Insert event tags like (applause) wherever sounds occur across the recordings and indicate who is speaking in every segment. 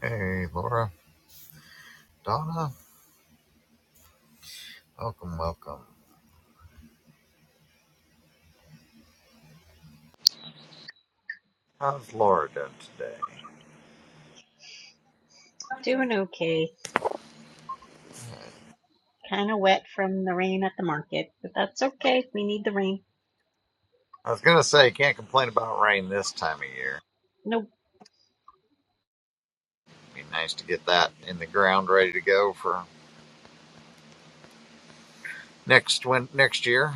Speaker 1: Hey, Laura, Donna, welcome, welcome. How's Laura doing today?
Speaker 2: Doing okay. Kind of wet from the rain at the market, but that's okay. We need the rain.
Speaker 1: I was gonna say, can't complain about rain this time of year.
Speaker 2: No,
Speaker 1: It'd Be nice to get that in the ground, ready to go for next win- next year.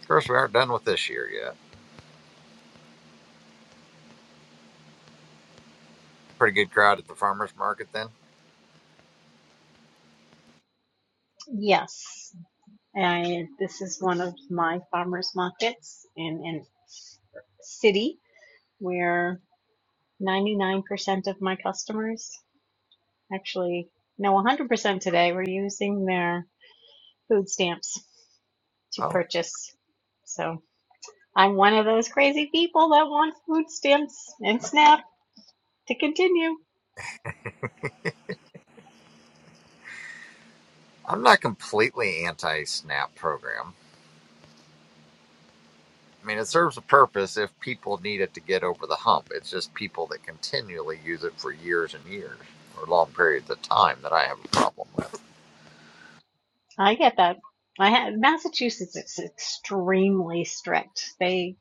Speaker 1: Of course, we aren't done with this year yet. Pretty good crowd at the farmers market then.
Speaker 2: yes. I, this is one of my farmers markets in in city where 99% of my customers, actually, no, 100% today, were using their food stamps to
Speaker 1: Oh,
Speaker 2: purchase. So I'm one of those crazy people that want food stamps and SNAP to continue.
Speaker 1: I'm not completely anti-SNAP program. I mean, it serves a purpose if people need it to get over the hump. It's just people that continually use it for years and years or long periods of time that I have a problem with.
Speaker 2: I get that. I ha Massachusetts is extremely strict. They,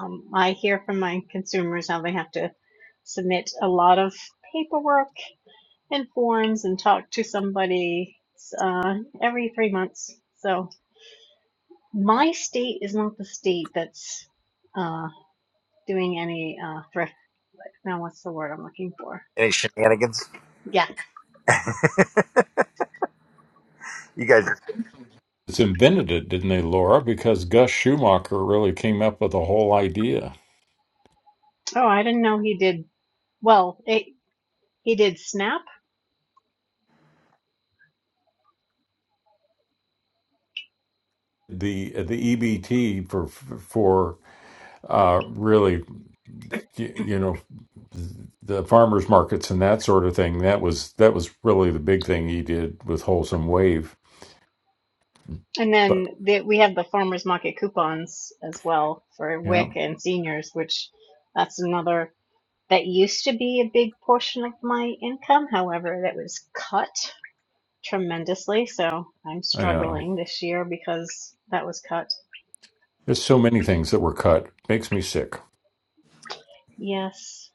Speaker 2: um, I hear from my consumers how they have to submit a lot of paperwork and forms and talk to somebody uh, every three months. So my state is not the state that's uh, doing any uh, thrift. Now, what's the word I'm looking for?
Speaker 1: Any shenanigans?
Speaker 2: Yeah.
Speaker 1: You guys,
Speaker 3: It's invented it, didn't they, Laura? Because Gus Schumacher really came up with the whole idea.
Speaker 2: Oh, I didn't know he did. Well, it, he did SNAP
Speaker 3: The the EBT for for uh, really y- you know the farmers markets and that sort of thing. That was that was really the big thing he did with Wholesome Wave.
Speaker 2: And
Speaker 3: But
Speaker 2: then the, we have the farmers market coupons as well for
Speaker 3: yeah,
Speaker 2: WIC and seniors, which that's another that used to be a big portion of my income. However, that was cut tremendously. So I'm
Speaker 3: I know.
Speaker 2: struggling this year because that was cut.
Speaker 3: There's so many things that were cut. Makes me sick.
Speaker 2: Yes,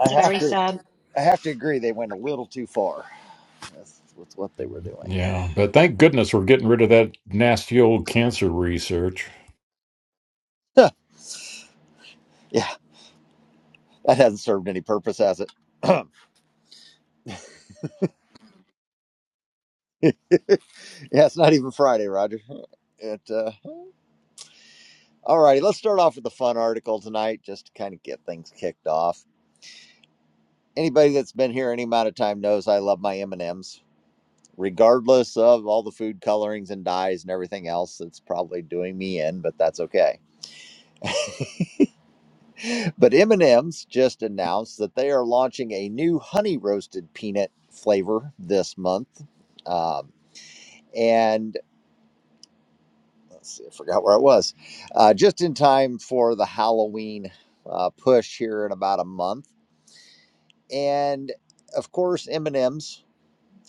Speaker 1: I have
Speaker 2: very
Speaker 1: to
Speaker 2: sad.
Speaker 1: I have to agree they went a little too far That's with what they were doing.
Speaker 3: Yeah, but thank goodness we're getting rid of that nasty old cancer research.
Speaker 1: Huh, yeah, that hasn't served any purpose, has it? (clears throat) yeah, it's not even Friday, Roger. It, uh, all righty, let's start off with the fun article tonight, just to kind of get things kicked off. Anybody that's been here any amount of time knows I love my M and M's, regardless of all the food colorings and dyes and everything else that's probably doing me in, but that's okay. But M&M's just announced that they are launching a new honey roasted peanut flavor this month, um, and let's see, I forgot where I was. Uh, just in time for the Halloween uh, push here in about a month, and of course M&M's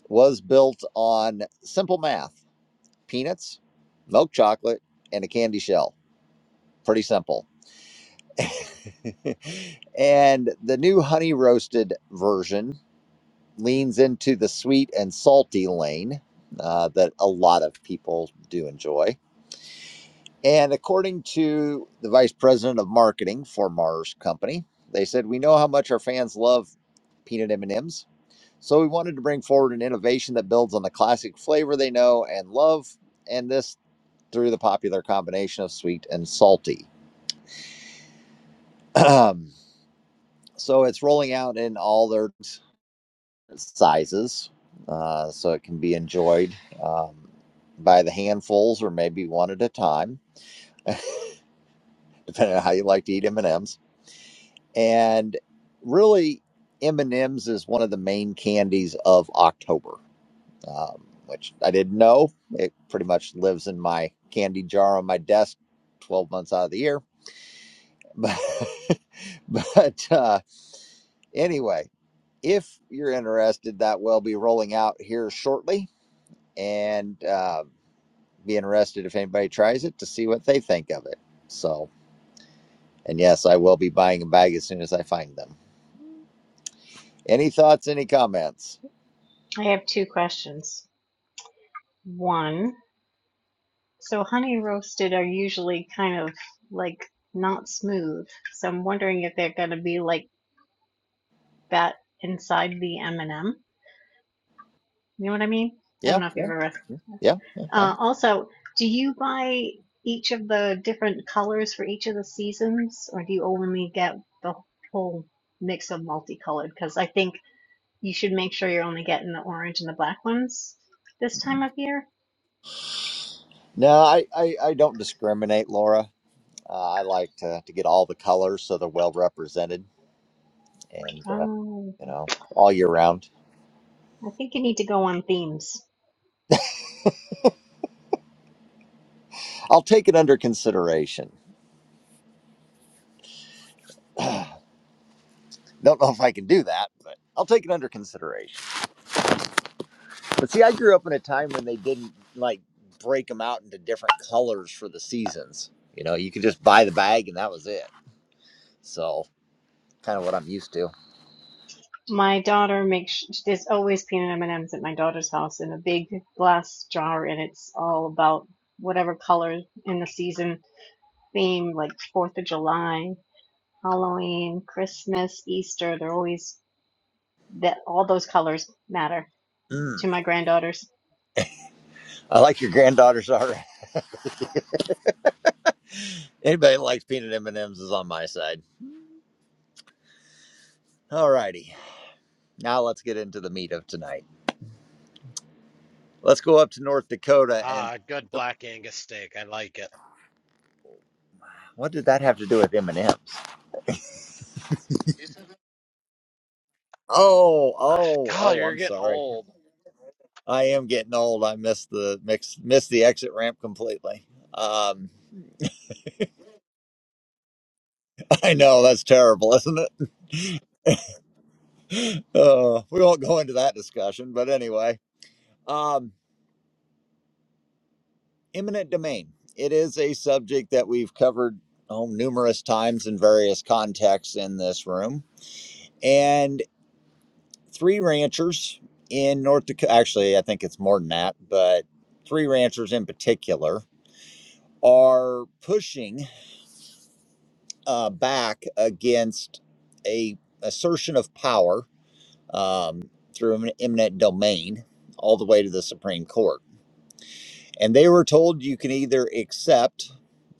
Speaker 1: was built on simple math: peanuts, milk chocolate, and a candy shell. Pretty simple. (laughs) and the new honey roasted version leans into the sweet and salty lane uh, that a lot of people do enjoy. And according to the vice president of marketing for Mars Company, they said we know how much our fans love peanut M&Ms, so we wanted to bring forward an innovation that builds on the classic flavor they know and love, and this through the popular combination of sweet and salty. (clears throat) so it's rolling out in all their sizes, uh, so it can be enjoyed um, by the handfuls or maybe one at a time, (laughs) depending on how you like to eat M and M's. And really, M and M's is one of the main candies of October, um, which I didn't know. It pretty much lives in my candy jar on my desk, twelve months out of the year. (laughs) But, but uh, anyway, if you're interested, that will be rolling out here shortly and. uh, be interested if anybody tries it to see what they think of it. So, and yes, I will be buying a bag as soon as I find them. Any thoughts? Any comments?
Speaker 2: I have two questions. One, so honey roasted are usually kind of like not smooth. So I'm wondering if they're going to be like that inside the M&M You know what I mean? I don't
Speaker 1: Yeah,
Speaker 2: know if
Speaker 1: yeah,
Speaker 2: you've ever.
Speaker 1: yeah. yeah. huh?
Speaker 2: Uh, also, do you buy each of the different colors for each of the seasons, or do you only get the whole mix of multicolored? Because I think you should make sure you're only getting the orange and the black ones this time of year.
Speaker 1: No, I, I, I don't discriminate, Laura. Uh, I like to, to get all the colors so they're well represented and, uh,
Speaker 2: Um,
Speaker 1: you know, all year round.
Speaker 2: I think you need to go on themes.
Speaker 1: I'll take it under consideration. Don't know if I can do that, but I'll take it under consideration. But see, I grew up in a time when they didn't like break them out into different colors for the seasons. You know, you could just buy the bag and that was it. So kind of what I'm used to.
Speaker 2: My daughter makes there's always peanut M&Ms at my daughter's house in a big glass jar, and it's all about whatever color in the season theme, like Fourth of July Halloween, Christmas, Easter, they're always that all those colors matter
Speaker 1: Mm,
Speaker 2: to my granddaughters.
Speaker 1: I like your granddaughter's already. (laughs) Anybody that likes peanut M&Ms is on my side. Alrighty, Now let's get into the meat of tonight. Let's go up to North Dakota and
Speaker 4: Ah, good
Speaker 1: Oop,
Speaker 4: Black Angus steak. I like it.
Speaker 1: what did that have to do with M&Ms? Oh,
Speaker 4: Ah,
Speaker 1: oh,
Speaker 4: God,
Speaker 1: oh,
Speaker 4: you're
Speaker 1: I'm
Speaker 4: getting
Speaker 1: sorry.
Speaker 4: old.
Speaker 1: I am getting old. I missed the mix, missed the exit ramp completely. Um. (laughs) I know that's terrible, isn't it? (laughs) Uh, we won't go into that discussion, but anyway, um, eminent domain. It is a subject that we've covered oh, numerous times in various contexts in this room, and three ranchers in North Dakota. Actually, I think it's more than that, but three ranchers in particular are pushing uh, back against a assertion of power um, through an eminent domain all the way to the Supreme Court. And they were told you can either accept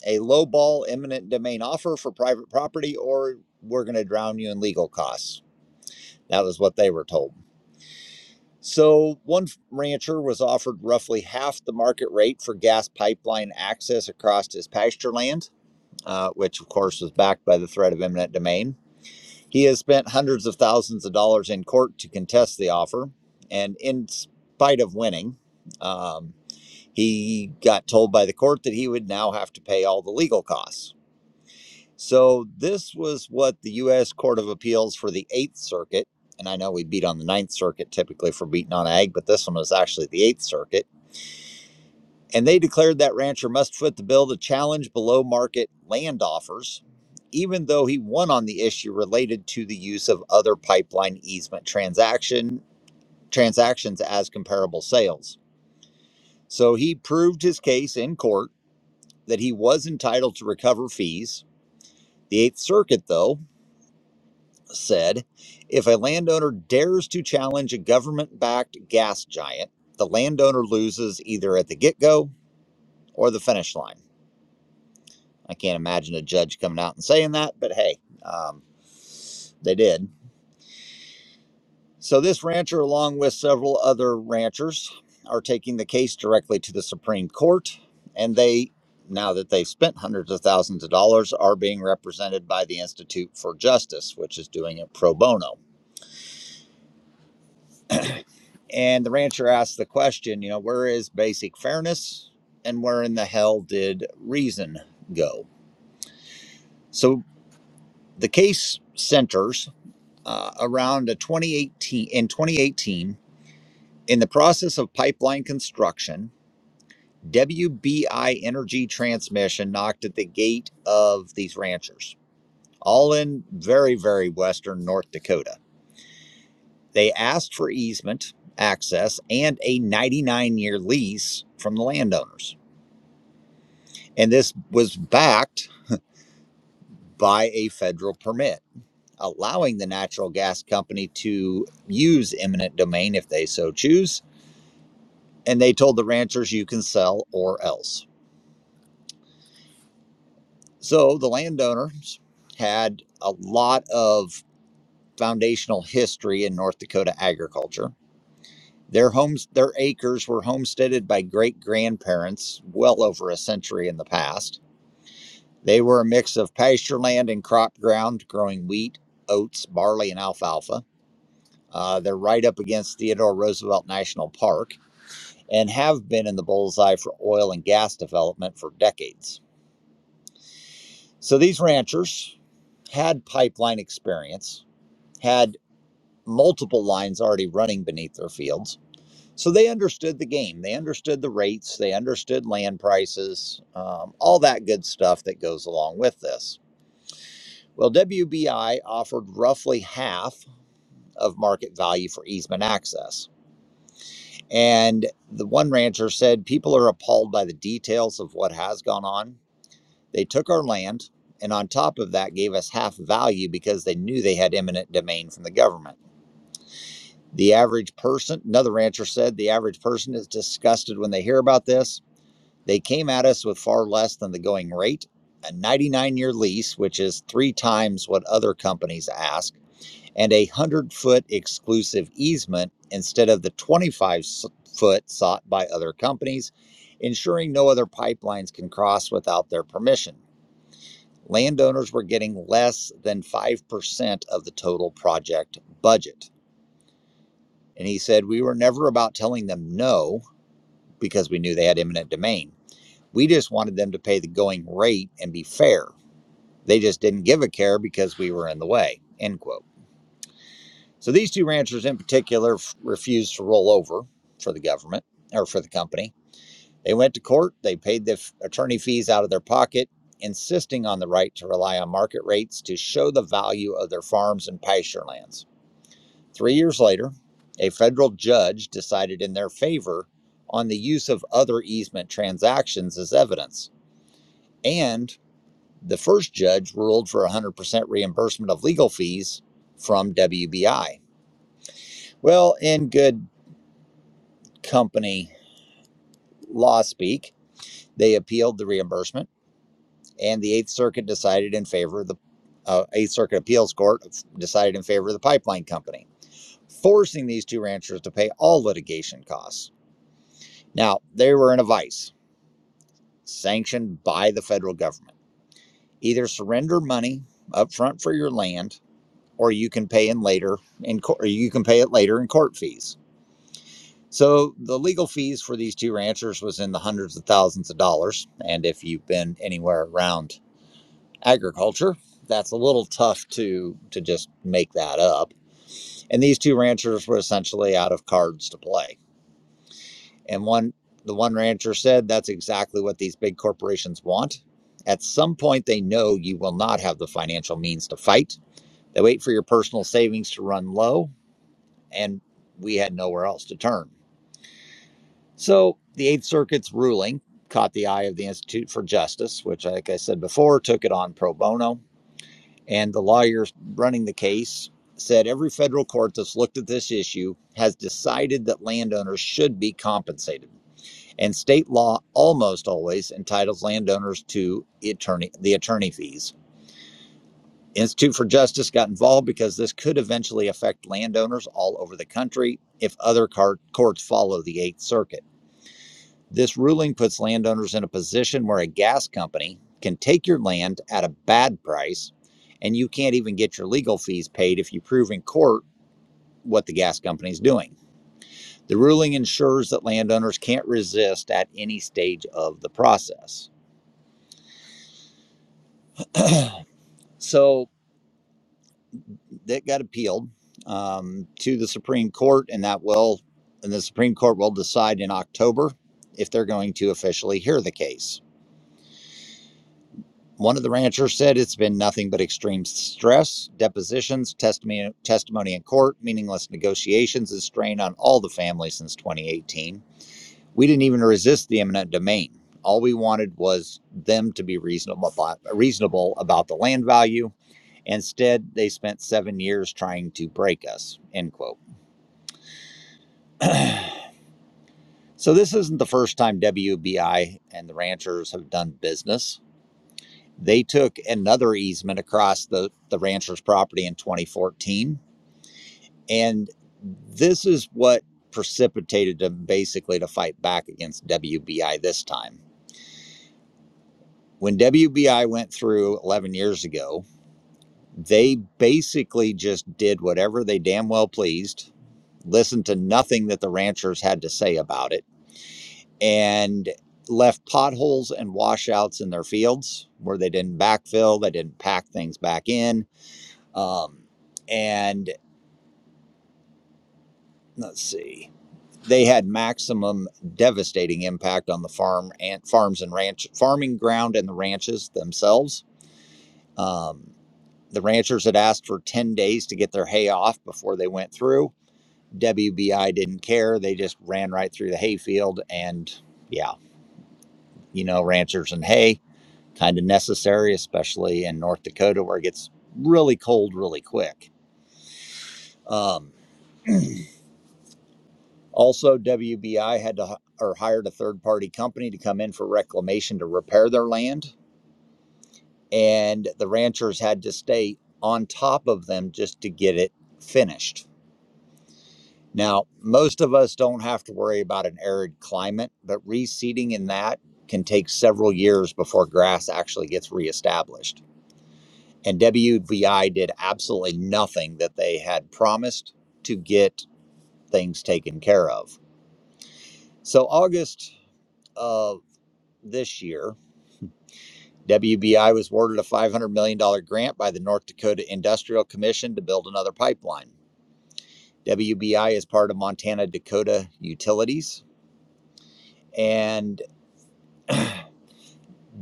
Speaker 1: a lowball eminent domain offer for private property or we're going to drown you in legal costs. That was what they were told. So, one rancher was offered roughly half the market rate for gas pipeline access across his pasture land, uh, which of course was backed by the threat of eminent domain. He has spent hundreds of thousands of dollars in court to contest the offer, and in spite of winning, um, he got told by the court that he would now have to pay all the legal costs. So, this was what the U.S. Court of Appeals for the Eighth Circuit, and I know we beat on the Ninth Circuit typically for beating on ag, but this one was actually the Eighth Circuit and they declared that rancher must foot the bill to challenge below market land offers, even though he won on the issue related to the use of other pipeline easement transaction transactions as comparable sales. So he proved his case in court that he was entitled to recover fees. The Eighth Circuit, though, said if a landowner dares to challenge a government backed gas giant, the landowner loses either at the get go or the finish line. I can't imagine a judge coming out and saying that, but hey, um, they did. So this rancher, along with several other ranchers, are taking the case directly to the Supreme Court, and they, now that they've spent hundreds of thousands of dollars, are being represented by the Institute for Justice, which is doing it pro bono. And the rancher asked the question, you know, where is basic fairness, and where in the hell did reason go? So the case centers uh, around a 2018 in 2018 in the process of pipeline construction wbi energy transmission knocked at the gate of these ranchers all in very very western north dakota they asked for easement access and a 99 year lease from the landowners and this was backed by a federal permit allowing the natural gas company to use eminent domain if they so choose and they told the ranchers you can sell or else so the landowners had a lot of foundational history in north dakota agriculture their homes their acres were homesteaded by great grandparents well over a century in the past they were a mix of pasture land and crop ground growing wheat oats barley and alfalfa Uh, they're right up against theodore roosevelt national park and have been in the bullseye for oil and gas development for decades So these ranchers had pipeline experience, had multiple lines already running beneath their fields. So they understood the game. They understood the rates. They understood land prices, um, all that good stuff that goes along with this. Well, WBI offered roughly half of market value for easement access. And the one rancher said people are appalled by the details of what has gone on They took our land and on top of that gave us half value because they knew they had eminent domain from the government. The average person, another rancher said, the average person is disgusted when they hear about this. They came at us with far less than the going rate, a 99 year lease, which is three times what other companies ask, and a 100 foot exclusive easement instead of the 25 foot sought by other companies, ensuring no other pipelines can cross without their permission landowners were getting less than 5% of the total project budget. And he said, We were never about telling them no because we knew they had eminent domain. We just wanted them to pay the going rate and be fair. They just didn't give a care because we were in the way. End quote. So these two ranchers in particular f- refused to roll over for the government or for the company They went to court, they paid the attorney fees out of their pocket, insisting on the right to rely on market rates to show the value of their farms and pasture lands. Three years later, a federal judge decided in their favor on the use of other easement transactions as evidence. And the first judge ruled for 100% reimbursement of legal fees from WBI. Well, in good company law speak, they appealed the reimbursement and the Eighth Circuit decided in favor of the uh, Eighth Circuit Appeals Court decided in favor of the pipeline company, forcing these two ranchers to pay all litigation costs. Now, they were in a vice sanctioned by the federal government. Either surrender money up front for your land, or you can pay in later in or you can pay it later in court fees. So the legal fees for these two ranchers was in the hundreds of thousands of dollars, and if you've been anywhere around agriculture. That's a little tough to to just make that up. And these two ranchers were essentially out of cards to play. And one the one rancher said that's exactly what these big corporations want. At some point they know you will not have the financial means to fight. They wait for your personal savings to run low and we had nowhere else to turn. So the 8th Circuit's ruling caught the eye of the Institute for Justice, which like I said before took it on pro bono And the lawyers running the case said every federal court that's looked at this issue has decided that landowners should be compensated. And state law almost always entitles landowners to attorney the attorney fees. Institute for Justice got involved because this could eventually affect landowners all over the country if other car- courts follow the Eighth Circuit. This ruling puts landowners in a position where a gas company can take your land at a bad price and you can't even get your legal fees paid if you prove in court what the gas company is doing. The ruling ensures that landowners can't resist at any stage of the process. So that got appealed um, to the Supreme Court, and that will, and the Supreme Court will decide in October if they're going to officially hear the case. One of the ranchers said it's been nothing but extreme stress, depositions, testimony, testimony in court, meaningless negotiations, and strain on all the family since 2018. We didn't even resist the eminent domain. All we wanted was them to be reasonable about, reasonable about the land value. Instead, they spent seven years trying to break us. End quote. So this isn't the first time WBI and the ranchers have done business. They took another easement across the, the rancher's property in 2014 And this is what precipitated them basically to fight back against WBI this time. When WBI went through 11 years ago, they basically just did whatever they damn well pleased, listened to nothing that the ranchers had to say about it, and left potholes and washouts in their fields where they didn't backfill, they didn't pack things back in. Um, and let's see. they had maximum devastating impact on the farm and farms and ranch farming ground and the ranches themselves. Um, the ranchers had asked for 10 days to get their hay off before they went through. WBI didn't care. They just ran right through the hayfield. And yeah, you know, ranchers and hay kind of necessary, especially in North Dakota where it gets really cold really quick. Um, also, WBI had to or hired a third party company to come in for reclamation to repair their land and the ranchers had to stay on top of them just to get it finished. Now, most of us don't have to worry about an arid climate, but reseeding in that can take several years before grass actually gets reestablished. And WVI did absolutely nothing that they had promised to get things taken care of. So, August of this year, WBI was awarded a $500 million dollars grant by the North Dakota Industrial Commission to build another pipeline. WBI is part of Montana Dakota Utilities, and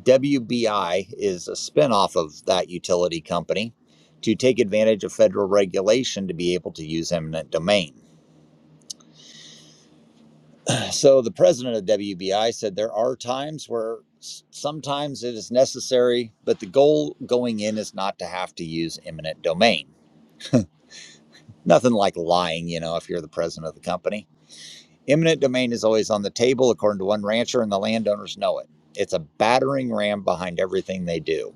Speaker 1: WBI is a spinoff of that utility company to take advantage of federal regulation to be able to use eminent domain. So, the president of WBI said there are times where sometimes it is necessary, but the goal going in is not to have to use eminent domain. Nothing like lying, you know, if you're the president of the company. Eminent domain is always on the table, according to one rancher, and the landowners know it. It's a battering ram behind everything they do.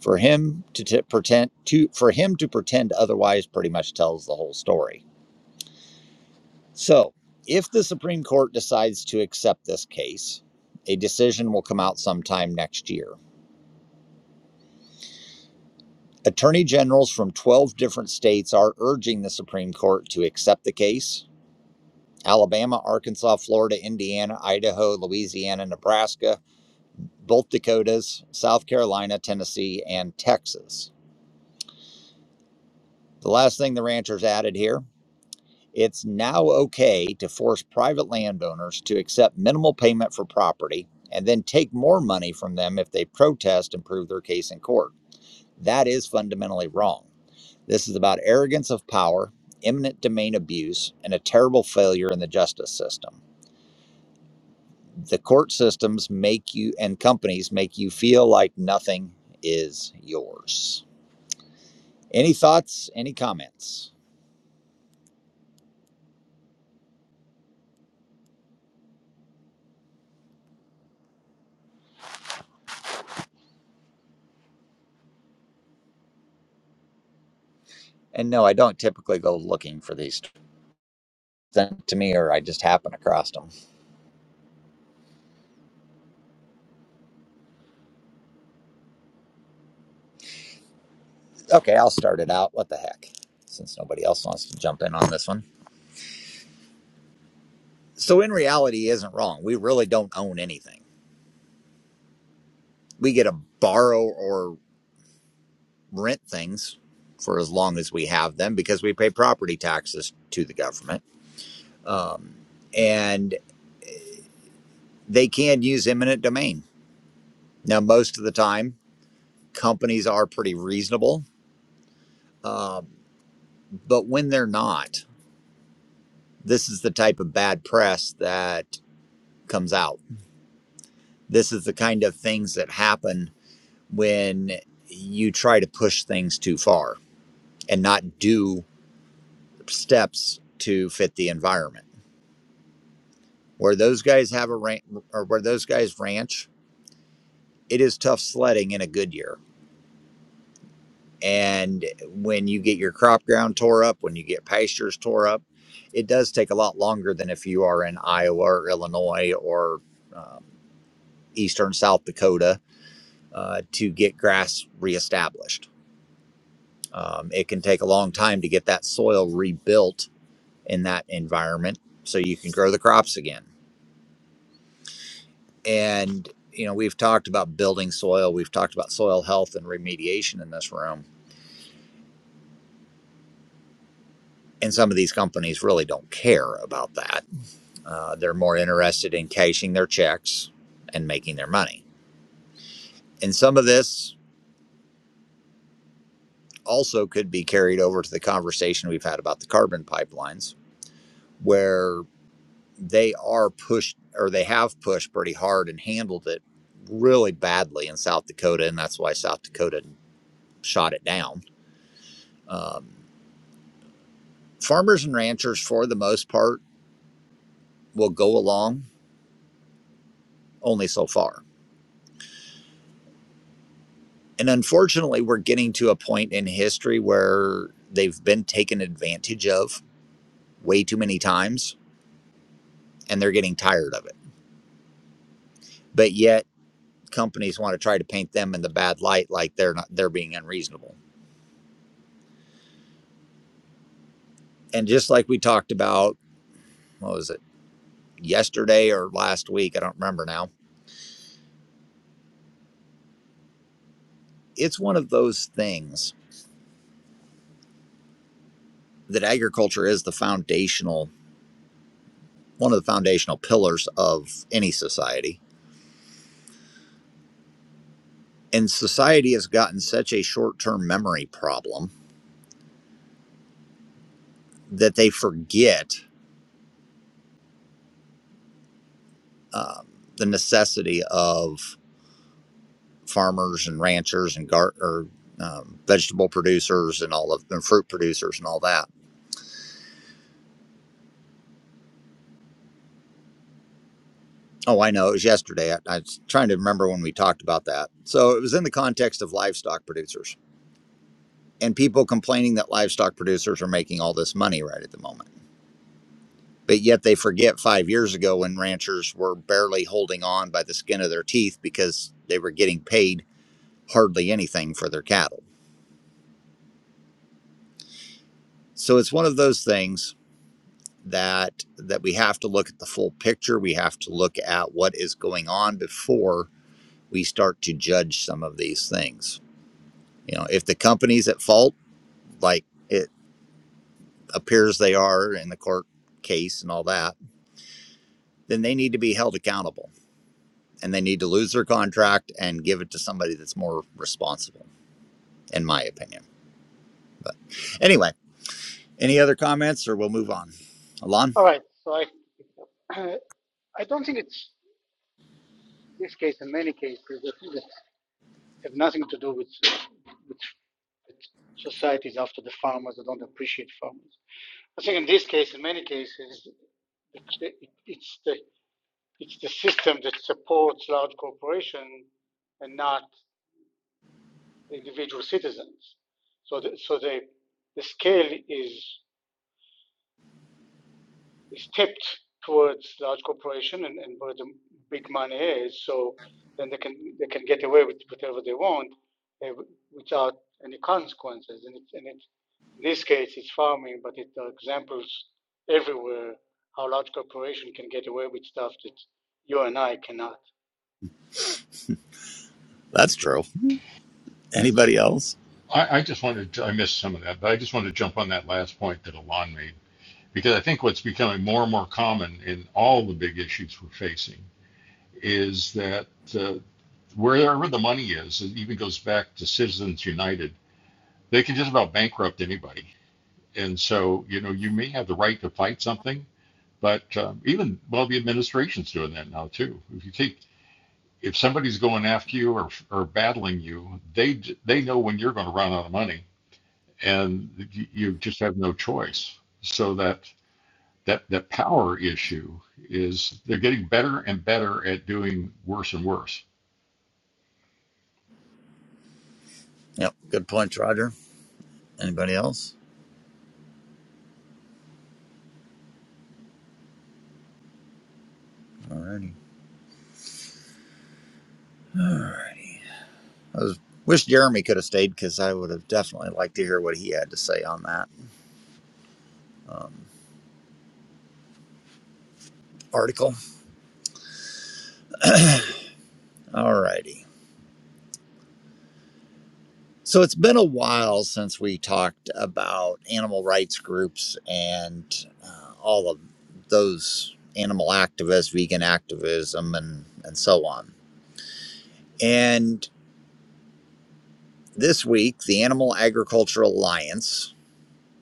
Speaker 1: For him to t- pretend to for him to pretend otherwise pretty much tells the whole story. So, if the Supreme Court decides to accept this case, a decision will come out sometime next year. Attorney generals from 12 different states are urging the Supreme Court to accept the case. Alabama, Arkansas, Florida, Indiana, Idaho, Louisiana, Nebraska, both Dakotas, South Carolina, Tennessee, and Texas. The last thing the ranchers added here it's now okay to force private landowners to accept minimal payment for property and then take more money from them if they protest and prove their case in court. That is fundamentally wrong. This is about arrogance of power, eminent domain abuse, and a terrible failure in the justice system. The court systems make you and companies make you feel like nothing is yours. Any thoughts? Any comments? And no, I don't typically go looking for these sent to me, or I just happen across them. Okay, I'll start it out. What the heck? Since nobody else wants to jump in on this one. So, in reality, he isn't wrong. We really don't own anything. We get to borrow or rent things for as long as we have them because we pay property taxes to the government. Um, and they can use eminent domain. Now, most of the time, companies are pretty reasonable Um, But when they're not, this is the type of bad press that comes out. This is the kind of things that happen when you try to push things too far and not do steps to fit the environment. Where those guys have a ranch, or where those guys ranch, it is tough sledding in a good year. And when you get your crop ground tore up, when you get pastures tore up, it does take a lot longer than if you are in Iowa or Illinois or um, eastern South Dakota uh, to get grass reestablished. Um, it can take a long time to get that soil rebuilt in that environment so you can grow the crops again. And, you know, we've talked about building soil, we've talked about soil health and remediation in this room. And some of these companies really don't care about that. Uh, they're more interested in cashing their checks and making their money. And some of this also could be carried over to the conversation we've had about the carbon pipelines, where they are pushed or they have pushed pretty hard and handled it really badly in South Dakota, and that's why South Dakota shot it down. Um, farmers and ranchers, for the most part, will go along only so far. And unfortunately, we're getting to a point in history where they've been taken advantage of way too many times and they're getting tired of it. But yet, companies want to try to paint them in the bad light like they're not they're being unreasonable. And just like we talked about what was it? yesterday or last week. I don't remember now. It's one of those things that agriculture is the foundational, one of the foundational pillars of any society. And society has gotten such a short term memory problem that they forget um, the necessity of farmers and ranchers and gar- or, um, vegetable producers and all of and fruit producers and all that. Oh, I know. It was yesterday. I, I was trying to remember when we talked about that. So it was in the context of livestock producers and people complaining that livestock producers are making all this money right at the moment. But yet they forget five years ago when ranchers were barely holding on by the skin of their teeth because they were getting paid hardly anything for their cattle. So it's one of those things that that we have to look at the full picture. We have to look at what is going on before we start to judge some of these things. You know, if the company's at fault, like it appears they are in the court case and all that, then they need to be held accountable and they need to lose their contract and give it to somebody that's more responsible, in my opinion. But anyway, any other comments or we'll move on? Alon?
Speaker 5: All right. So I, (clears throat) uh, I don't think it's this case. In many cases, that that have nothing to do with, with societies after the farmers that don't appreciate farmers. I think in this case, in many cases, it's the it's the system that supports large corporations and not the individual citizens. So the, so the the scale is stepped towards large corporation and, and where the big money is. So then they can they can get away with whatever they want uh, without any consequences. And it, and it in this case it's farming, but it there examples everywhere how large corporation can get away with stuff that you and I cannot.
Speaker 1: That's true. Anybody else?
Speaker 3: I, I just wanted to, I missed some of that, but I just wanted to jump on that last point that Alon made because I think what's becoming more and more common in all the big issues we're facing is that uh, wherever the money is, it even goes back to Citizens United, they can just about bankrupt anybody. And so, you know, you may have the right to fight something, but um, even, well, the administration's doing that now too. If you take, if somebody's going after you or, or battling you, they, they know when you're going to run out of money and you just have no choice. So that that that power issue is they're getting better and better at doing worse and worse.
Speaker 1: Yep. Good point, Roger. Anybody else? Alrighty. (sighs) I was, wish Jeremy could have stayed because I would have definitely liked to hear what he had to say on that um, article. Alrighty. So it's been a while since we talked about animal rights groups and uh, all of those animal activists, vegan activism, and, and so on. And this week, the Animal Agriculture Alliance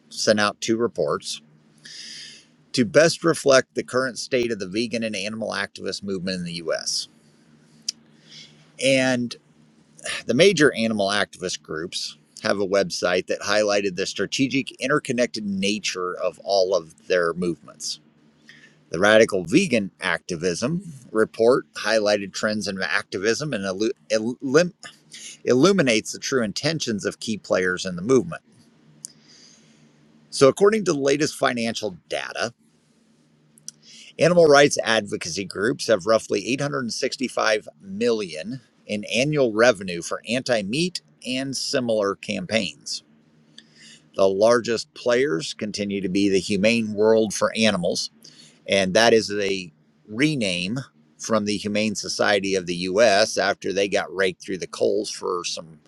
Speaker 1: sent out two reports to best reflect the current state of the vegan and animal activist movement in the US. and The major animal activist groups have a website that highlighted the strategic interconnected nature of all of their movements. The Radical Vegan Activism report highlighted trends in activism and illu- illum- illuminates the true intentions of key players in the movement. So, according to the latest financial data, animal rights advocacy groups have roughly 865 million in annual revenue for anti meat and similar campaigns. The largest players continue to be the Humane World for Animals, and that is a rename from the Humane Society of the U.S. after they got raked through the coals for some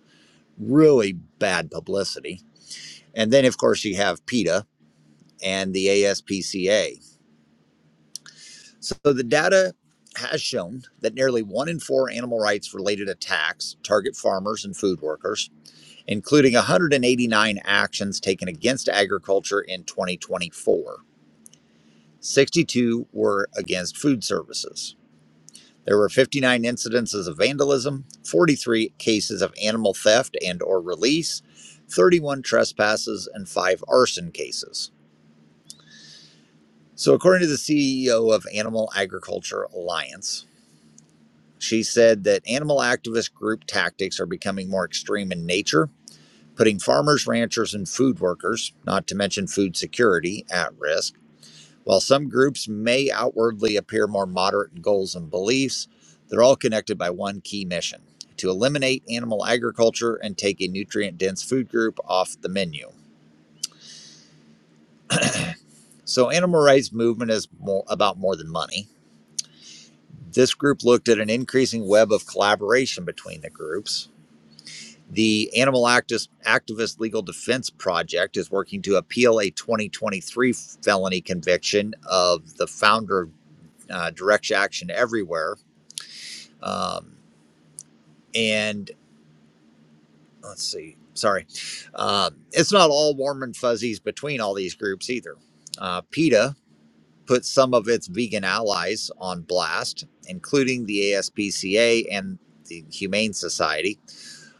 Speaker 1: really bad publicity. And then, of course, you have PETA and the ASPCA. So the data has shown that nearly one in four animal rights related attacks target farmers and food workers, including 189 actions taken against agriculture in 2024. 62 were against food services. There were 59 incidences of vandalism, 43 cases of animal theft and or release, 31 trespasses and 5 arson cases. So according to the CEO of Animal Agriculture Alliance, she said that animal activist group tactics are becoming more extreme in nature, putting farmers, ranchers and food workers, not to mention food security, at risk. While some groups may outwardly appear more moderate in goals and beliefs, they're all connected by one key mission to eliminate animal agriculture and take a nutrient dense food group off the menu. So, animal rights movement is more about more than money. This group looked at an increasing web of collaboration between the groups. The Animal Actis- Activist Legal Defense Project is working to appeal a 2023 felony conviction of the founder of uh, Direct Action Everywhere. Um, and let's see sorry um, it's not all warm and fuzzies between all these groups either uh, peta put some of its vegan allies on blast including the aspca and the humane society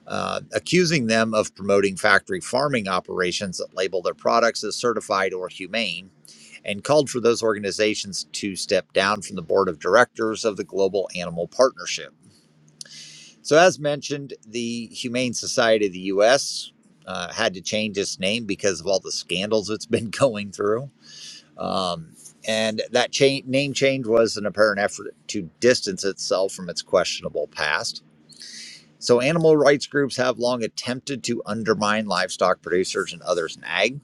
Speaker 1: uh, accusing them of promoting factory farming operations that label their products as certified or humane and called for those organizations to step down from the board of directors of the global animal partnership So, as mentioned, the Humane Society of the U.S. Uh, had to change its name because of all the scandals it's been (laughs) going through. Um, and that cha- name change was an apparent effort to distance itself from its questionable past. So, animal rights groups have long attempted to undermine livestock producers and others in ag.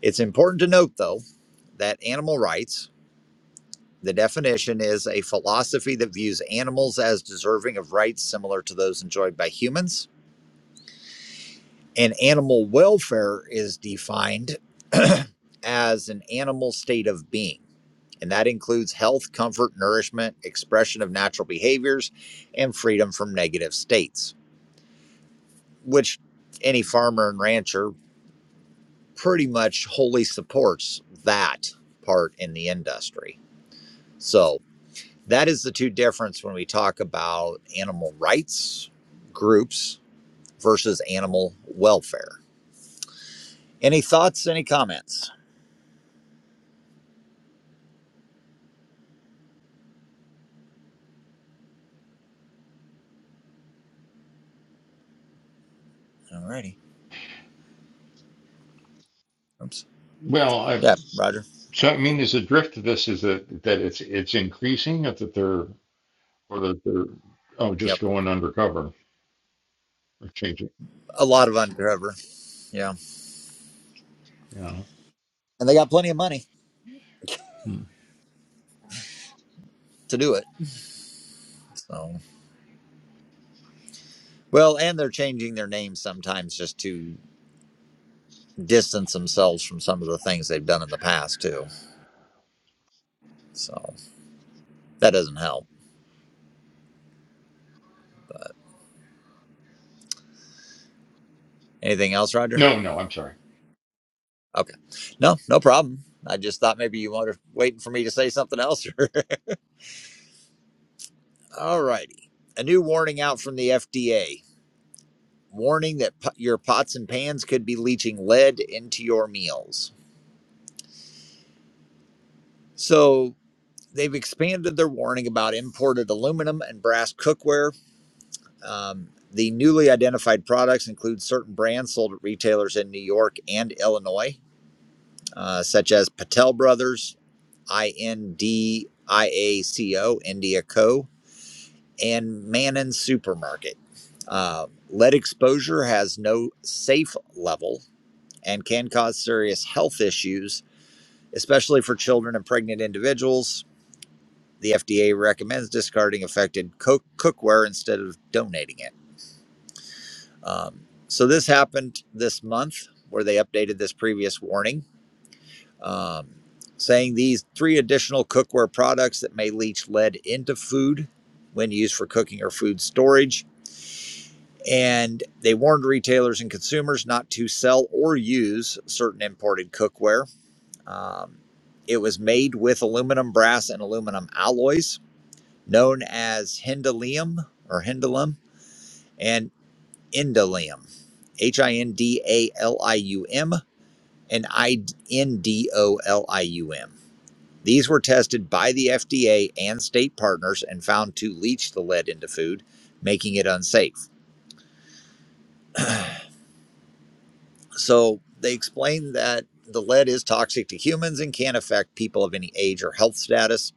Speaker 1: It's important to note, though, that animal rights, the definition is a philosophy that views animals as deserving of rights similar to those enjoyed by humans And animal welfare is defined (clears throat) as an animal state of being, and that includes health, comfort, nourishment, expression of natural behaviors, and freedom from negative states, which any farmer and rancher pretty much wholly supports that part in the industry. So that is the two difference when we talk about animal rights groups versus animal welfare. Any thoughts? Any comments? Alrighty. Oops.
Speaker 3: Well, I,
Speaker 1: Yeah, Roger.
Speaker 3: so I mean, is the drift of this is that that it's it's increasing, or that they're or that they're oh
Speaker 1: Yep.
Speaker 3: just going undercover or changing.
Speaker 1: A lot of undercover. Yeah.
Speaker 3: Yeah.
Speaker 1: And they got plenty of money
Speaker 3: Hmm.
Speaker 1: (laughs) to do it. So, well, and they're changing their names sometimes just to distance themselves from some of the things they've done in the past, too. So that doesn't help. But anything else, Roger?
Speaker 3: No, no, I'm sorry.
Speaker 1: Okay. No, no problem. I just thought maybe you were waiting for me to say something else. (laughs) All righty. A new warning out from the FDA warning that po- your pots and pans could be leaching lead into your meals. So, they've expanded their warning about imported aluminum and brass cookware. Um, the newly identified products include certain brands sold at retailers in New York and Illinois, uh, such as Patel Brothers, INDIACO, India Co., and Mannon Supermarket. Uh, lead exposure has no safe level and can cause serious health issues, especially for children and pregnant individuals The FDA recommends discarding affected cook- cookware instead of donating it. Um, so this happened this month, where they updated this previous warning, um, saying these three additional cookware products that may leach lead into food when used for cooking or food storage. And they warned retailers and consumers not to sell or use certain imported cookware. Um, it was made with aluminum, brass, and aluminum alloys known as hendalium or Hindalum and Indalium, H I N D A L I U M and I N D O L I U M. These were tested by the FDA and state partners and found to leach the lead into food, making it unsafe. So they explained that the lead is toxic to humans and can affect people of any age or health status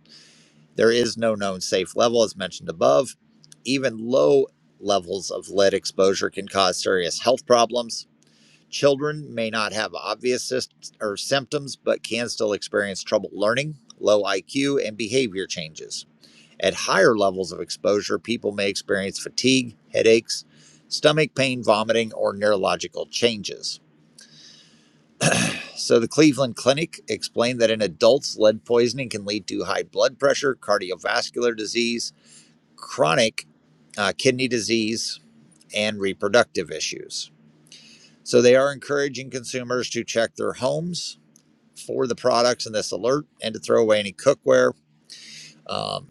Speaker 1: There is no known safe level, as mentioned above. Even low levels of lead exposure can cause serious health problems. Children may not have obvious or symptoms, but can still experience trouble learning, low IQ, and behavior changes. At higher levels of exposure, people may experience fatigue, headaches, stomach pain, vomiting, or neurological changes. So, the Cleveland Clinic explained that in adults, lead poisoning can lead to high blood pressure, cardiovascular disease, chronic uh, kidney disease, and reproductive issues. So they are encouraging consumers to check their homes for the products in this alert and to throw away any cookware. Um,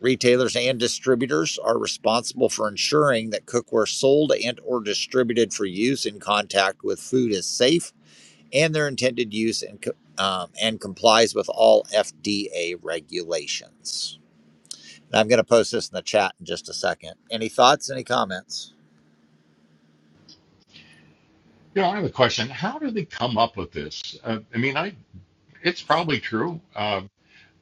Speaker 1: retailers and distributors are responsible for ensuring that cookware sold and or distributed for use in contact with food is safe and their intended use and, um, and complies with all FDA regulations. And I'm going to post this in the chat in just a second. Any thoughts, any comments?
Speaker 3: You know, I have a question. How do they come up with this? Uh, I mean, I it's probably true. Uh,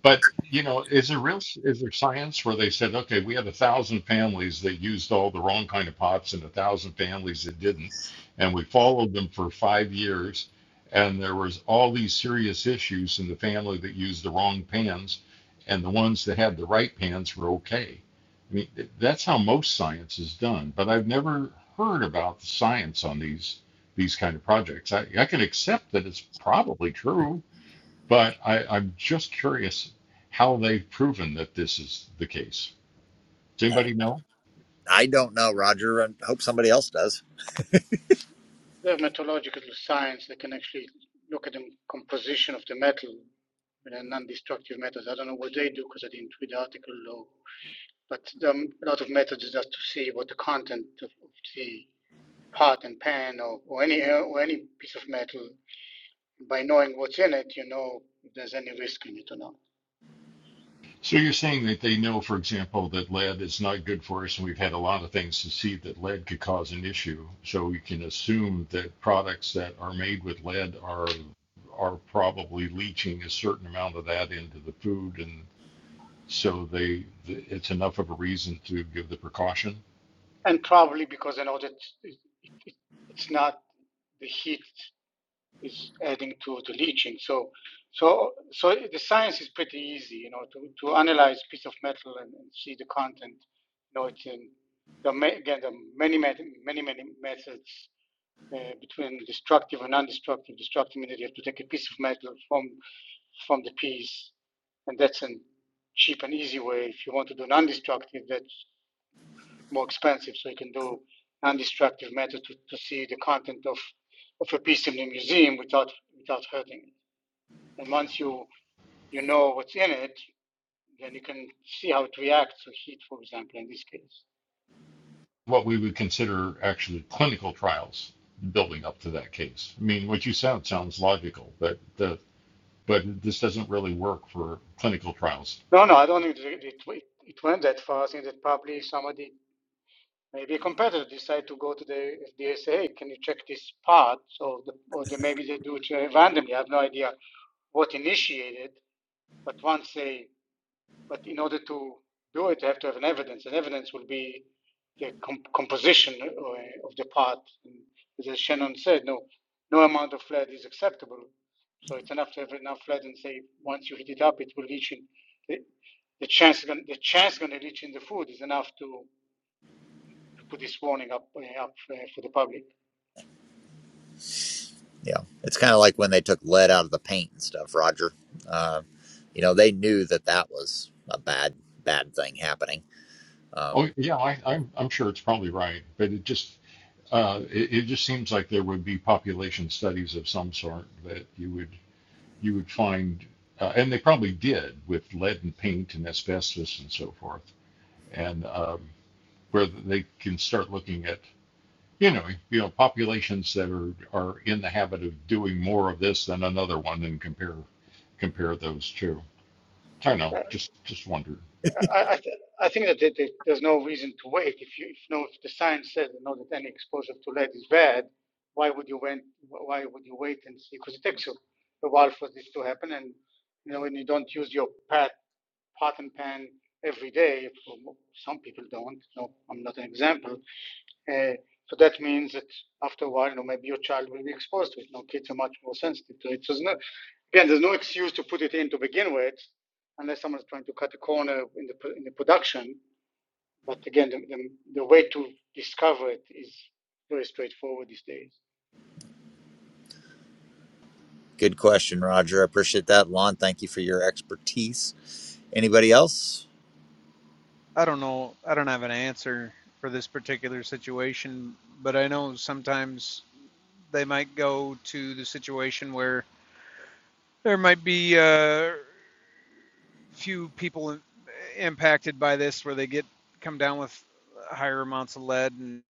Speaker 3: But you know, is there real is there science where they said, okay, we had a thousand families that used all the wrong kind of pots and a thousand families that didn't, and we followed them for five years, and there was all these serious issues in the family that used the wrong pans, and the ones that had the right pans were okay. I mean, th- that's how most science is done. But I've never heard about the science on these these kind of projects. I, I can accept that it's probably true but I, I'm just curious how they've proven that this is the case. Does anybody know?
Speaker 1: I don't know, Roger. I hope somebody else does.
Speaker 5: They have metallurgical science that can actually look at the composition of the metal in a non-destructive methods. I don't know what they do because I didn't read the article or But there are a lot of methods just to see what the content of the pot and pan or, or any or any piece of metal. By knowing what's in it, you know if there's any risk in it or not.
Speaker 3: So you're saying that they know, for example, that lead is not good for us, and we've had a lot of things to see that lead could cause an issue. So we can assume that products that are made with lead are are probably leaching a certain amount of that into the food, and so they it's enough of a reason to give the precaution.
Speaker 5: And probably because I know that it, it, it's not the heat is adding to the leaching. So, so, so the science is pretty easy, you know, to, to analyze a piece of metal and, and see the content. You know, it's in, there are again, there are many, many, many methods uh, between destructive and non-destructive. Destructive means that you have to take a piece of metal from from the piece, and that's a cheap and easy way. If you want to do non-destructive, that's more expensive. So you can do non-destructive method to, to see the content of of a piece in the museum without without hurting it. And once you you know what's in it, then you can see how it reacts to heat, for example, in this case.
Speaker 3: what we would consider actually clinical trials building up to that case. I mean, what you said sounds logical, but the but this doesn't really work for clinical trials.
Speaker 5: No, no, I don't think it, it, it went that far. I think that probably somebody maybe a competitor decide to go to the FDA say, hey, can you check this part? So the, or they, maybe they do it uh, randomly. I have no idea what initiated, but once they, but in order to do it, they have to have an evidence, and evidence will be the com- composition uh, of the part. And as Shannon said, no, no amount of lead is acceptable. So it's enough to have enough lead and say once you heat it up, it will leach in. The, the chance, the chance going to leach in the food is enough to to put this warning up uh, up uh, for the public.
Speaker 1: You know, it's kind of like when they took lead out of the paint and stuff, Roger. Um, you know, they knew that that was a bad, bad thing happening. Um,
Speaker 3: Oh yeah, I, I'm I'm sure it's probably right, but it just uh, it, it just seems like there would be population studies of some sort that you would you would find, uh, and they probably did with lead and paint and asbestos and so forth, and um, where they can start looking at you know, you know, populations that are, are in the habit of doing more of this than another one and compare compare those two. I don't know.
Speaker 5: Uh,
Speaker 3: Just just wondered.
Speaker 5: I, I, th- I think that there- there's no reason to wait. If you if no if the science says you know that any exposure to lead is bad, why would you wait? Why would you wait and see? Because it takes a, a while for this to happen, and you know when you don't use your pot pot and pan every day, some people don't. No, I'm not an example. Uh, so that means that after a while, you know, maybe your child will be exposed to it. You know, kids are much more sensitive to it. So it's not, Again, there's no excuse to put it in to begin with, unless someone's trying to cut a corner in the in the production. But again, the, the, the way to discover it is very straightforward these days.
Speaker 1: good question, Roger. I appreciate that. Lon, thank you for your expertise. Anybody else?
Speaker 6: I don't know. I don't have an answer for this particular situation, but I know sometimes they might go to the situation where there might be a uh, few people impacted by this, where they get come down with higher amounts of lead, and,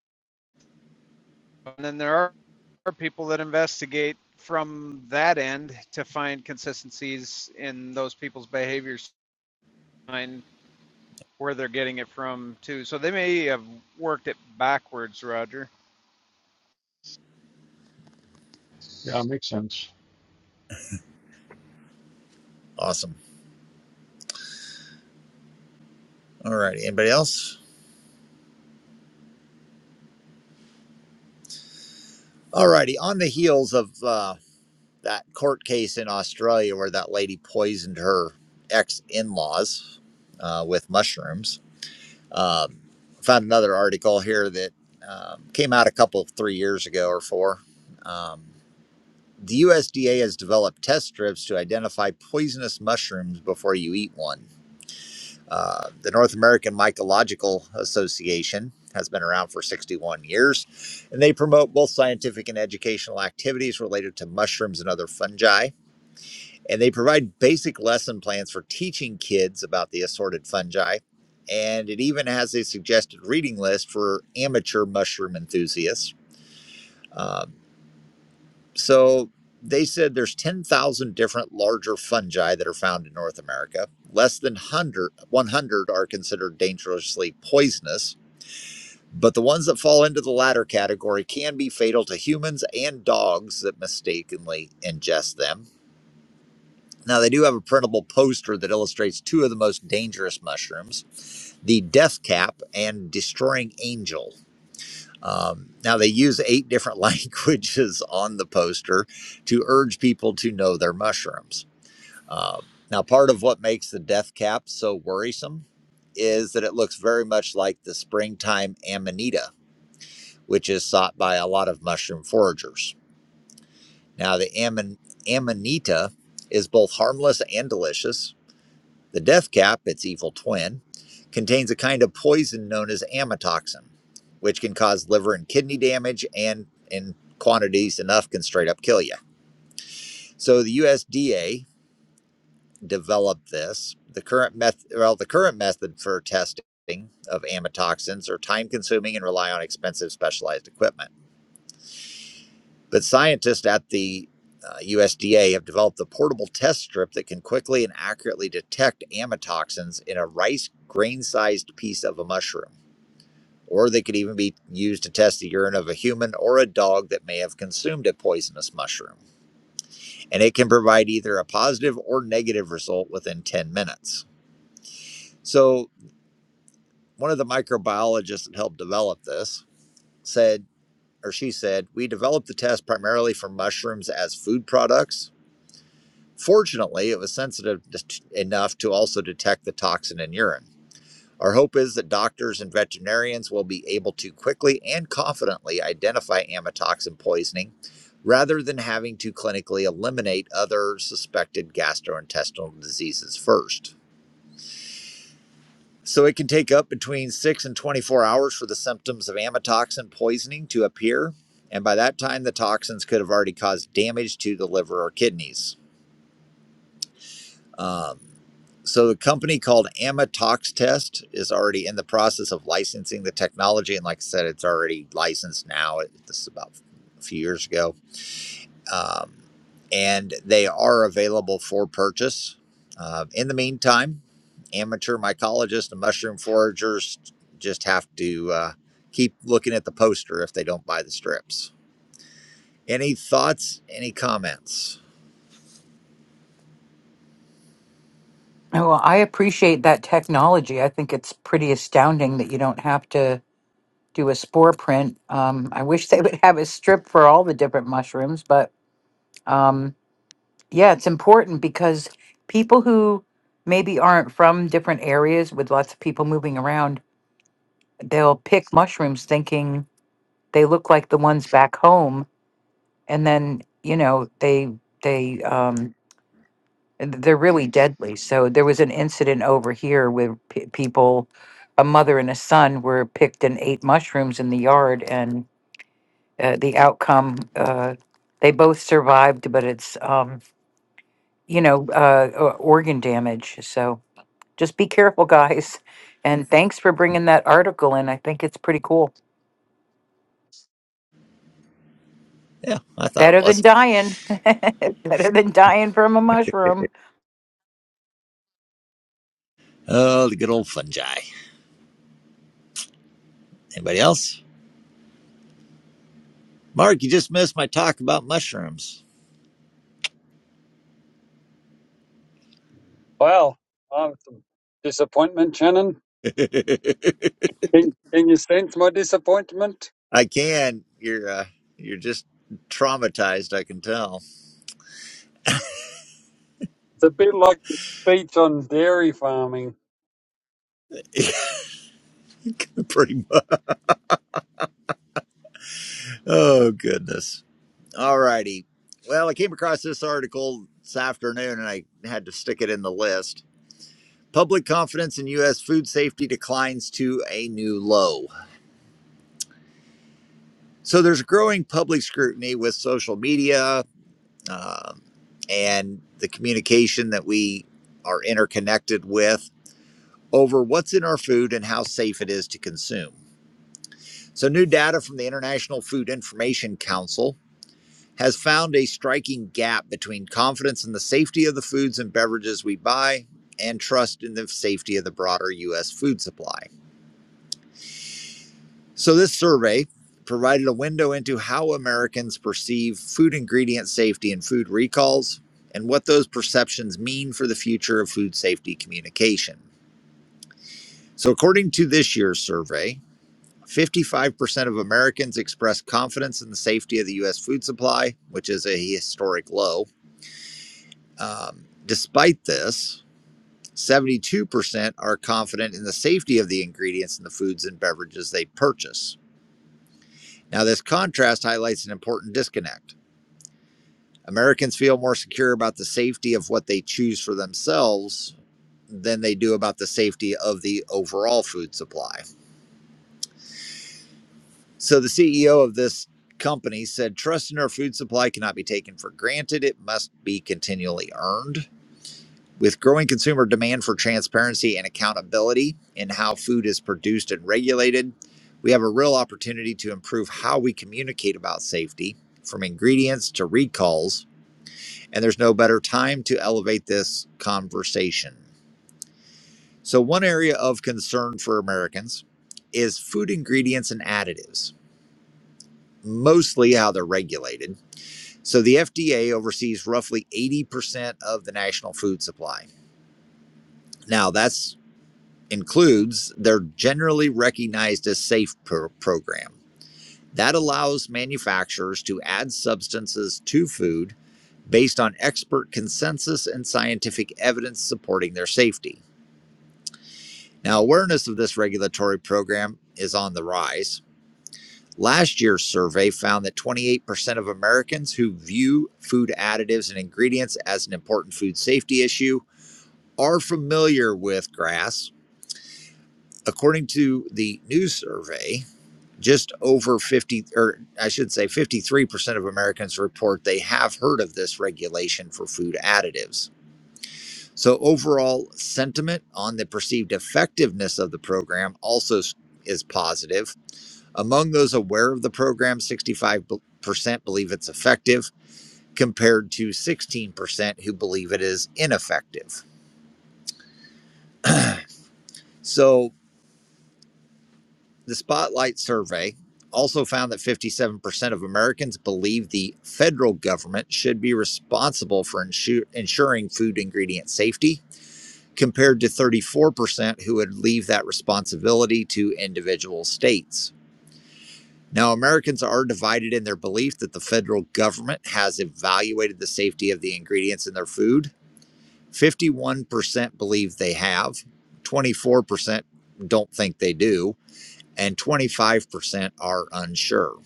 Speaker 6: and then there are, are people that investigate from that end to find consistencies in those people's behaviors, find where they're getting it from too. So they may have worked it backwards, Roger.
Speaker 3: Yeah, it makes sense.
Speaker 1: Awesome. All right. Anybody else? All righty. On the heels of uh, that court case in Australia where that lady poisoned her ex in laws uh, with mushrooms Um, I found another article here that um, came out a couple, three years ago or four. Um, the USDA has developed test strips to identify poisonous mushrooms before you eat one. Uh, the North American Mycological Association has been around for 61 years, and they promote both scientific and educational activities related to mushrooms and other fungi and they provide basic lesson plans for teaching kids about the assorted fungi. And it even has a suggested reading list for amateur mushroom enthusiasts. Um, so they said there's 10,000 different larger fungi that are found in North America. Less than 100, 100 are considered dangerously poisonous, but the ones that fall into the latter category can be fatal to humans and dogs that mistakenly ingest them. Now, they do have a printable poster that illustrates two of the most dangerous mushrooms the death cap and destroying angel. Um, now, they use eight different (laughs) languages on the poster to urge people to know their mushrooms. Um, now, part of what makes the death cap so worrisome is that it looks very much like the springtime amanita, which is sought by a lot of mushroom foragers. Now, the aman- amanita is both harmless and delicious The death cap, its evil twin, contains a kind of poison known as amatoxin, which can cause liver and kidney damage and in quantities enough can straight up kill you. So the USDA developed this. The current method, well, the current method for testing of amatoxins are time consuming and rely on expensive specialized equipment. But scientists at the uh, USDA have developed a portable test strip that can quickly and accurately detect amatoxins in a rice grain sized piece of a mushroom. Or they could even be used to test the urine of a human or a dog that may have consumed a poisonous mushroom. And it can provide either a positive or negative result within 10 minutes. So, one of the microbiologists that helped develop this said, or she said, we developed the test primarily for mushrooms as food products Fortunately, it was sensitive enough to also detect the toxin in urine. Our hope is that doctors and veterinarians will be able to quickly and confidently identify amatoxin poisoning rather than having to clinically eliminate other suspected gastrointestinal diseases first. So, it can take up between 6 and 24 hours for the symptoms of amatoxin poisoning to appear, and by that time, the toxins could have already caused damage to the liver or kidneys. Um, so the company called Amatox Test is already in the process of licensing the technology, and like I said, it's already licensed now. this is about a few years ago, um, and they are available for purchase. Uh, in the meantime, amateur mycologists and mushroom foragers just have to uh, keep looking at the poster if they don't buy the strips. Any thoughts? Any comments?
Speaker 7: Oh, well, I appreciate that technology. I think it's pretty astounding that you don't have to do a spore print. Um, I wish they (laughs) would have a strip for all the different mushrooms, but um, yeah, it's important because people who maybe aren't from different areas with lots of people moving around, they'll pick mushrooms thinking they look like the ones back home, and then you know they they um, and th- they're really deadly. So there was an incident over here where pe people, a mother and a son, were picked and ate mushrooms in the yard, and uh, the outcome, uh, they both survived, but it's um, you know uh, o- organ damage. So just be careful, (laughs) guys. And thanks for bringing that article in. I think it's pretty cool.
Speaker 1: Yeah, I thought it
Speaker 7: Better than
Speaker 1: was.
Speaker 7: dying. (laughs) Better than dying from a mushroom.
Speaker 1: Oh, the good old fungi. Anybody else? Mark, you just missed my talk about mushrooms.
Speaker 8: Well, uh, disappointment, Shannon.
Speaker 1: (laughs)
Speaker 8: Can, can you sense my disappointment?
Speaker 1: I can. You're uh, you're just traumatized. I can tell.
Speaker 8: It's a bit like the speech on dairy farming.
Speaker 1: (laughs) Pretty much. Oh goodness. All righty. Well, I came across this article this afternoon, and I had to stick it in the list. Public confidence in U.S. food safety declines to a new low. So there's growing public scrutiny with social media um, and the communication that we are interconnected with over what's in our food and how safe it is to consume. So, new data from the International Food Information Council has found a striking gap between confidence in the safety of the foods and beverages we buy and trust in the safety of the broader U.S. food supply. So, this survey provided a window into how Americans perceive food ingredient safety and food recalls and what those perceptions mean for the future of food safety communication. So, according to this year's survey, 55% of Americans express confidence in the safety of the U.S. food supply, which is a historic low. Um, despite this, 72% are confident in the safety of the ingredients in the foods and beverages they purchase. Now, this contrast highlights an important disconnect. Americans feel more secure about the safety of what they choose for themselves than they do about the safety of the overall food supply. So the CEO of this company said trust in our food supply cannot be taken for granted. It must be continually earned. With growing consumer demand for transparency and accountability in how food is produced and regulated, we have a real opportunity to improve how we communicate about safety, from ingredients to recalls, and there's no better time to elevate this conversation. So, one area of concern for Americans is food ingredients and additives, mostly how they're regulated So the FDA oversees roughly 80% of the national food supply. Now, that's includes their generally recognized as safe pro- program. That allows manufacturers to add substances to food based on expert consensus and scientific evidence supporting their safety. Now, awareness of this regulatory program is on the rise. Last year's survey found that 28% of Americans who view food additives and ingredients as an important food safety issue are familiar with grass. According to the new survey, just over 50, or I should say 53% of Americans report they have heard of this regulation for food additives. So, overall sentiment on the perceived effectiveness of the program also is positive. Among those aware of the program, 65% believe it's effective, compared to 16% who believe it is ineffective. So, The Spotlight survey also found that 57% of Americans believe the federal government should be responsible for insu- ensuring food ingredient safety, compared to 34% who would leave that responsibility to individual states. Now, Americans are divided in their belief that the federal government has evaluated the safety of the ingredients in their food. 51% believe they have, 24% don't think they do, and 25% are unsure.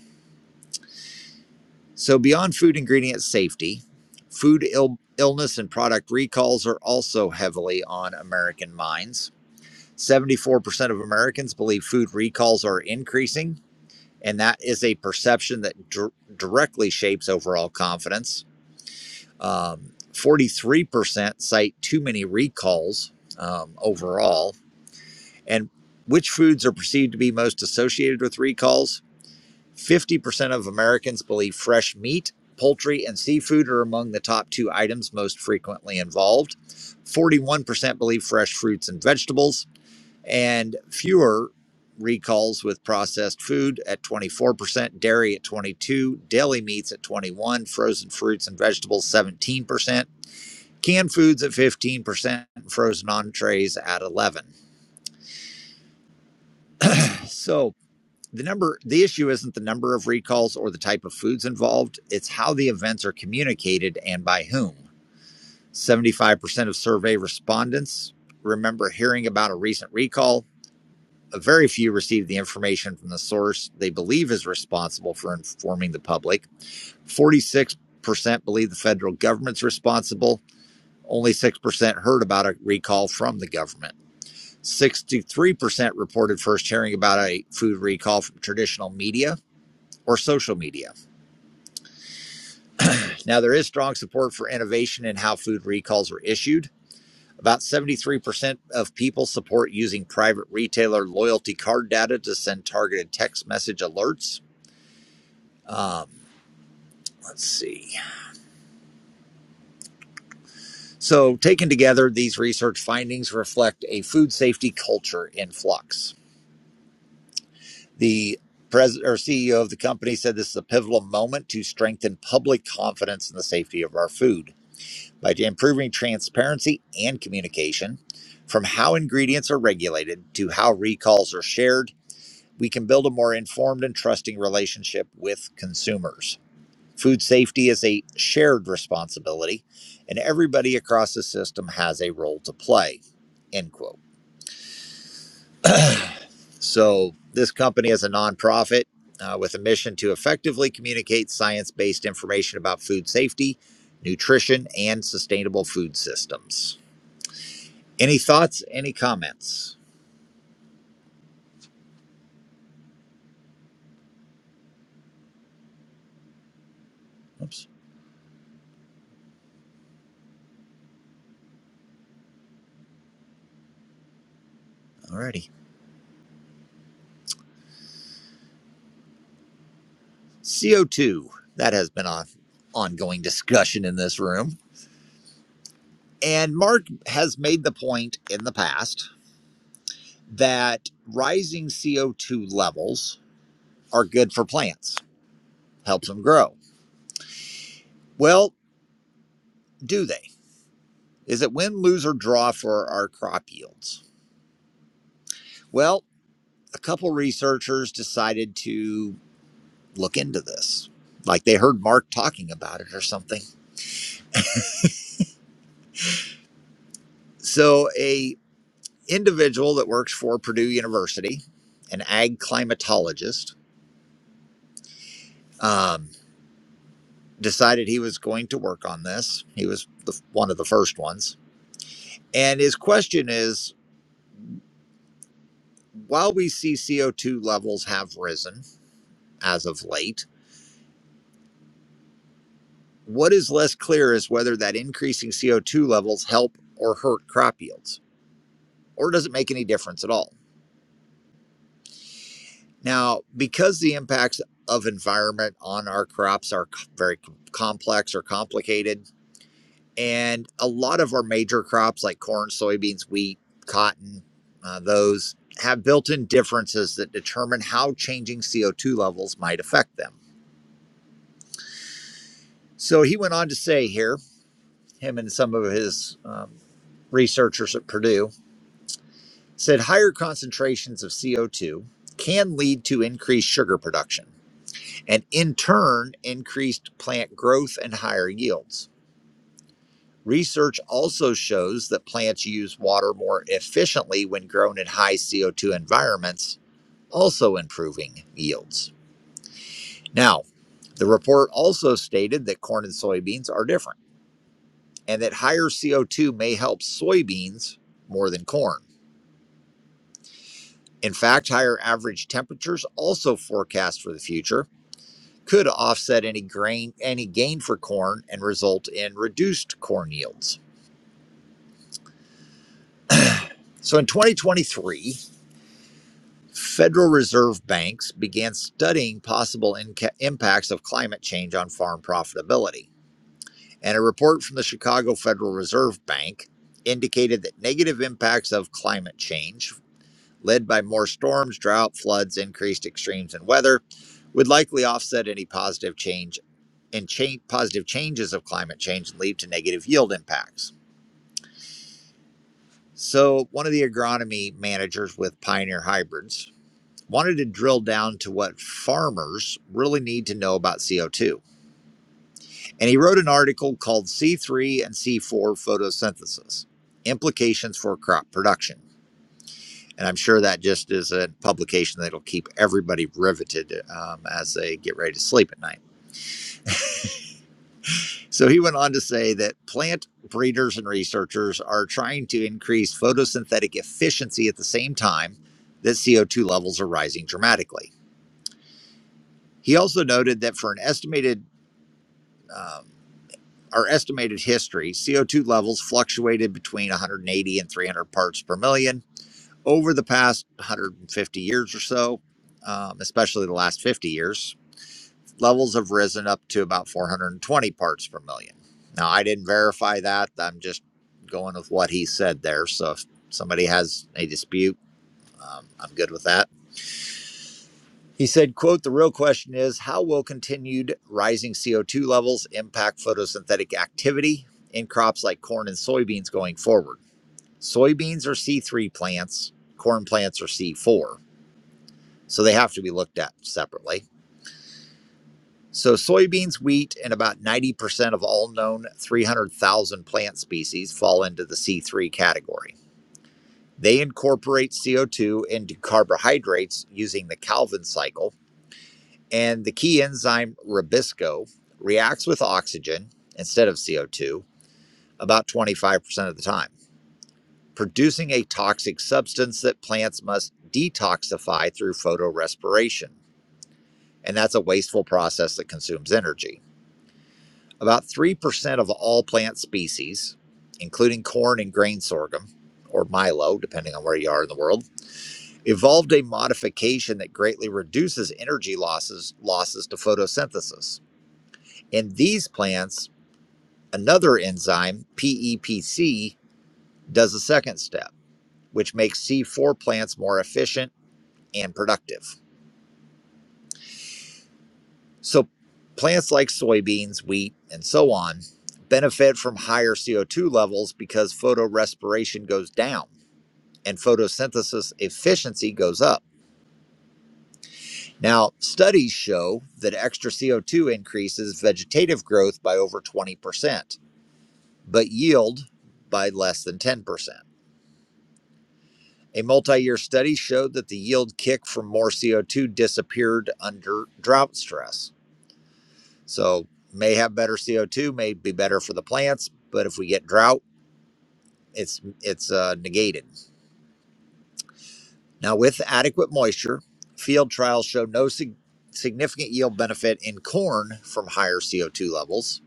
Speaker 1: So, beyond food ingredient safety, food Ill- illness and product recalls are also heavily on American minds. 74% of Americans believe food recalls are increasing, and that is a perception that dir- directly shapes overall confidence. Um, 43% cite too many recalls um, overall. And which foods are perceived to be most associated with recalls? 50% of Americans believe fresh meat, poultry, and seafood are among the top two items most frequently involved. 41% believe fresh fruits and vegetables, and fewer recalls with processed food at 24%, dairy at 22, percent, deli meats at 21, percent, frozen fruits and vegetables 17%, canned foods at 15%, and frozen entrees at 11. percent. So, the number the issue isn't the number of recalls or the type of foods involved it's how the events are communicated and by whom 75% of survey respondents remember hearing about a recent recall very few received the information from the source they believe is responsible for informing the public 46% believe the federal government's responsible only 6% heard about a recall from the government 63% reported first hearing about a food recall from traditional media or social media. Now, there is strong support for innovation in how food recalls are issued. About 73% of people support using private retailer loyalty card data to send targeted text message alerts. Um, let's see. So, taken together, these research findings reflect a food safety culture in flux. The president or CEO of the company said this is a pivotal moment to strengthen public confidence in the safety of our food. by improving transparency and communication from how ingredients are regulated to how recalls are shared we can build a more informed and trusting relationship with consumers food safety is a shared responsibility and everybody across the system has a role to play end quote so this company is a nonprofit uh, with a mission to effectively communicate science-based information about food safety nutrition and sustainable food systems Any thoughts? Any comments? Oops. Alrighty. CO2. That has been an ongoing discussion in this room. And Mark has made the point in the past that rising CO2 levels are good for plants, helps them grow. Well, do they? Is it win, lose, or draw for our crop yields? Well, a couple researchers decided to look into this. Like they heard Mark talking about it or something. So a individual that works for Purdue University, an ag climatologist, um, decided he was going to work on this. He was the, one of the first ones. And his question is while we see CO2 levels have risen as of late, what is less clear is whether that increasing CO2 levels help or hurt crop yields, or does it make any difference at all? Now, because the impacts of environment on our crops are very complex or complicated, and a lot of our major crops like corn, soybeans, wheat, cotton, uh, those have built in differences that determine how changing CO2 levels might affect them. So he went on to say here, him and some of his um, researchers at Purdue said higher concentrations of CO2 can lead to increased sugar production and in turn increased plant growth and higher yields. Research also shows that plants use water more efficiently when grown in high CO2 environments, also improving yields. Now, the report also stated that corn and soybeans are different and that higher CO2 may help soybeans more than corn. In fact, higher average temperatures also forecast for the future could offset any grain any gain for corn and result in reduced corn yields. So in 2023, Federal Reserve banks began studying possible inca- impacts of climate change on farm profitability. And a report from the Chicago Federal Reserve Bank indicated that negative impacts of climate change, led by more storms, drought, floods, increased extremes, and weather, would likely offset any positive change and change, positive changes of climate change and lead to negative yield impacts. So, one of the agronomy managers with Pioneer Hybrids wanted to drill down to what farmers really need to know about CO2. And he wrote an article called C3 and C4 Photosynthesis Implications for Crop Production. And I'm sure that just is a publication that'll keep everybody riveted um, as they get ready to sleep at night. So he went on to say that plant breeders and researchers are trying to increase photosynthetic efficiency at the same time that CO2 levels are rising dramatically. He also noted that for an estimated um, our estimated history, CO2 levels fluctuated between 180 and 300 parts per million over the past 150 years or so, um, especially the last 50 years. Levels have risen up to about 420 parts per million. Now, I didn't verify that. I'm just going with what he said there. So if somebody has a dispute, um, I'm good with that. He said, quote, the real question is how will continued rising CO2 levels impact photosynthetic activity in crops like corn and soybeans going forward? Soybeans are C3 plants, corn plants are C4, so they have to be looked at separately. So soybeans, wheat, and about 90% of all known 300,000 plant species fall into the C3 category. They incorporate CO2 into carbohydrates using the Calvin cycle And the key enzyme ribisco reacts with oxygen instead of CO2 about 25% of the time, producing a toxic substance that plants must detoxify through photorespiration. And that's a wasteful process that consumes energy. About 3% of all plant species, including corn and grain sorghum, or milo, depending on where you are in the world, evolved a modification that greatly reduces energy losses losses to photosynthesis. In these plants, Another enzyme, PEPC, does a second step, which makes C4 plants more efficient and productive. So, plants like soybeans, wheat, and so on benefit from higher CO2 levels because photorespiration goes down and photosynthesis efficiency goes up. Now, studies show that extra CO2 increases vegetative growth by over 20%, but yield by less than 10%. A multi year study showed that the yield kick from more CO2 disappeared under drought stress. So, may have better CO2, may be better for the plants, but if we get drought, it's, it's uh, negated. Now, with adequate moisture, field trials show no sig- significant yield benefit in corn from higher CO2 levels.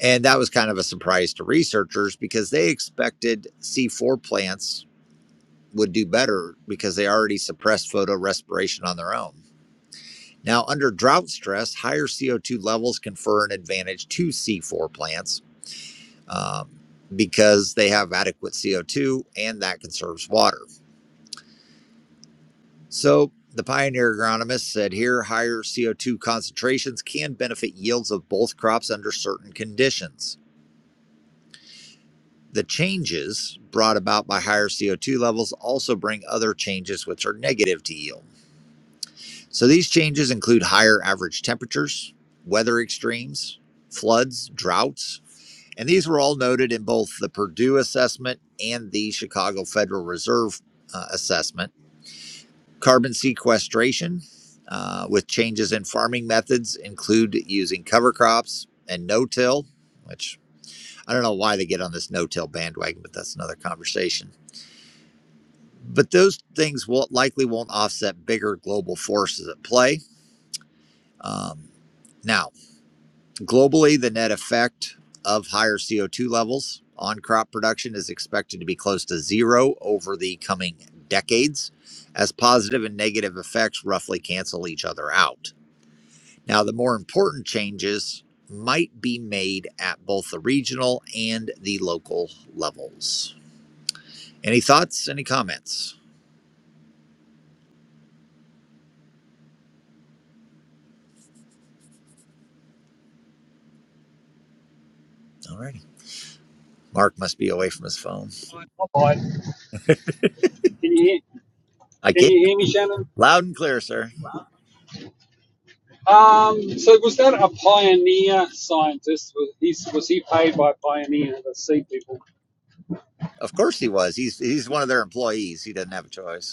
Speaker 1: And that was kind of a surprise to researchers because they expected C4 plants would do better because they already suppress photorespiration on their own. Now, under drought stress, higher CO2 levels confer an advantage to C4 plants um, because they have adequate CO2 and that conserves water. So, the pioneer agronomist said here higher CO2 concentrations can benefit yields of both crops under certain conditions. The changes brought about by higher CO2 levels also bring other changes which are negative to yield. So, these changes include higher average temperatures, weather extremes, floods, droughts, And these were all noted in both the Purdue assessment and the Chicago Federal Reserve uh, assessment. Carbon sequestration uh, with changes in farming methods include using cover crops and no till, which I don't know why they get on this no till bandwagon, but that's another conversation. But those things will likely won't offset bigger global forces at play. Um, now, Globally, the net effect of higher CO2 levels on crop production is expected to be close to zero over the coming decades, as positive and negative effects roughly cancel each other out. Now, the more important changes might be made at both the regional and the local levels. Any thoughts? Any comments? All righty. Mark must be away from his phone.
Speaker 8: Right, I'll bite. Can you hear,
Speaker 1: I
Speaker 8: can
Speaker 1: can't.
Speaker 8: you hear me, Shannon?
Speaker 1: Loud and clear, sir.
Speaker 8: Um, so was that a pioneer scientist? Was he, was he paid by Pioneer, the sea people?
Speaker 1: Of course he was. He's he's one of their employees. He doesn't have a choice.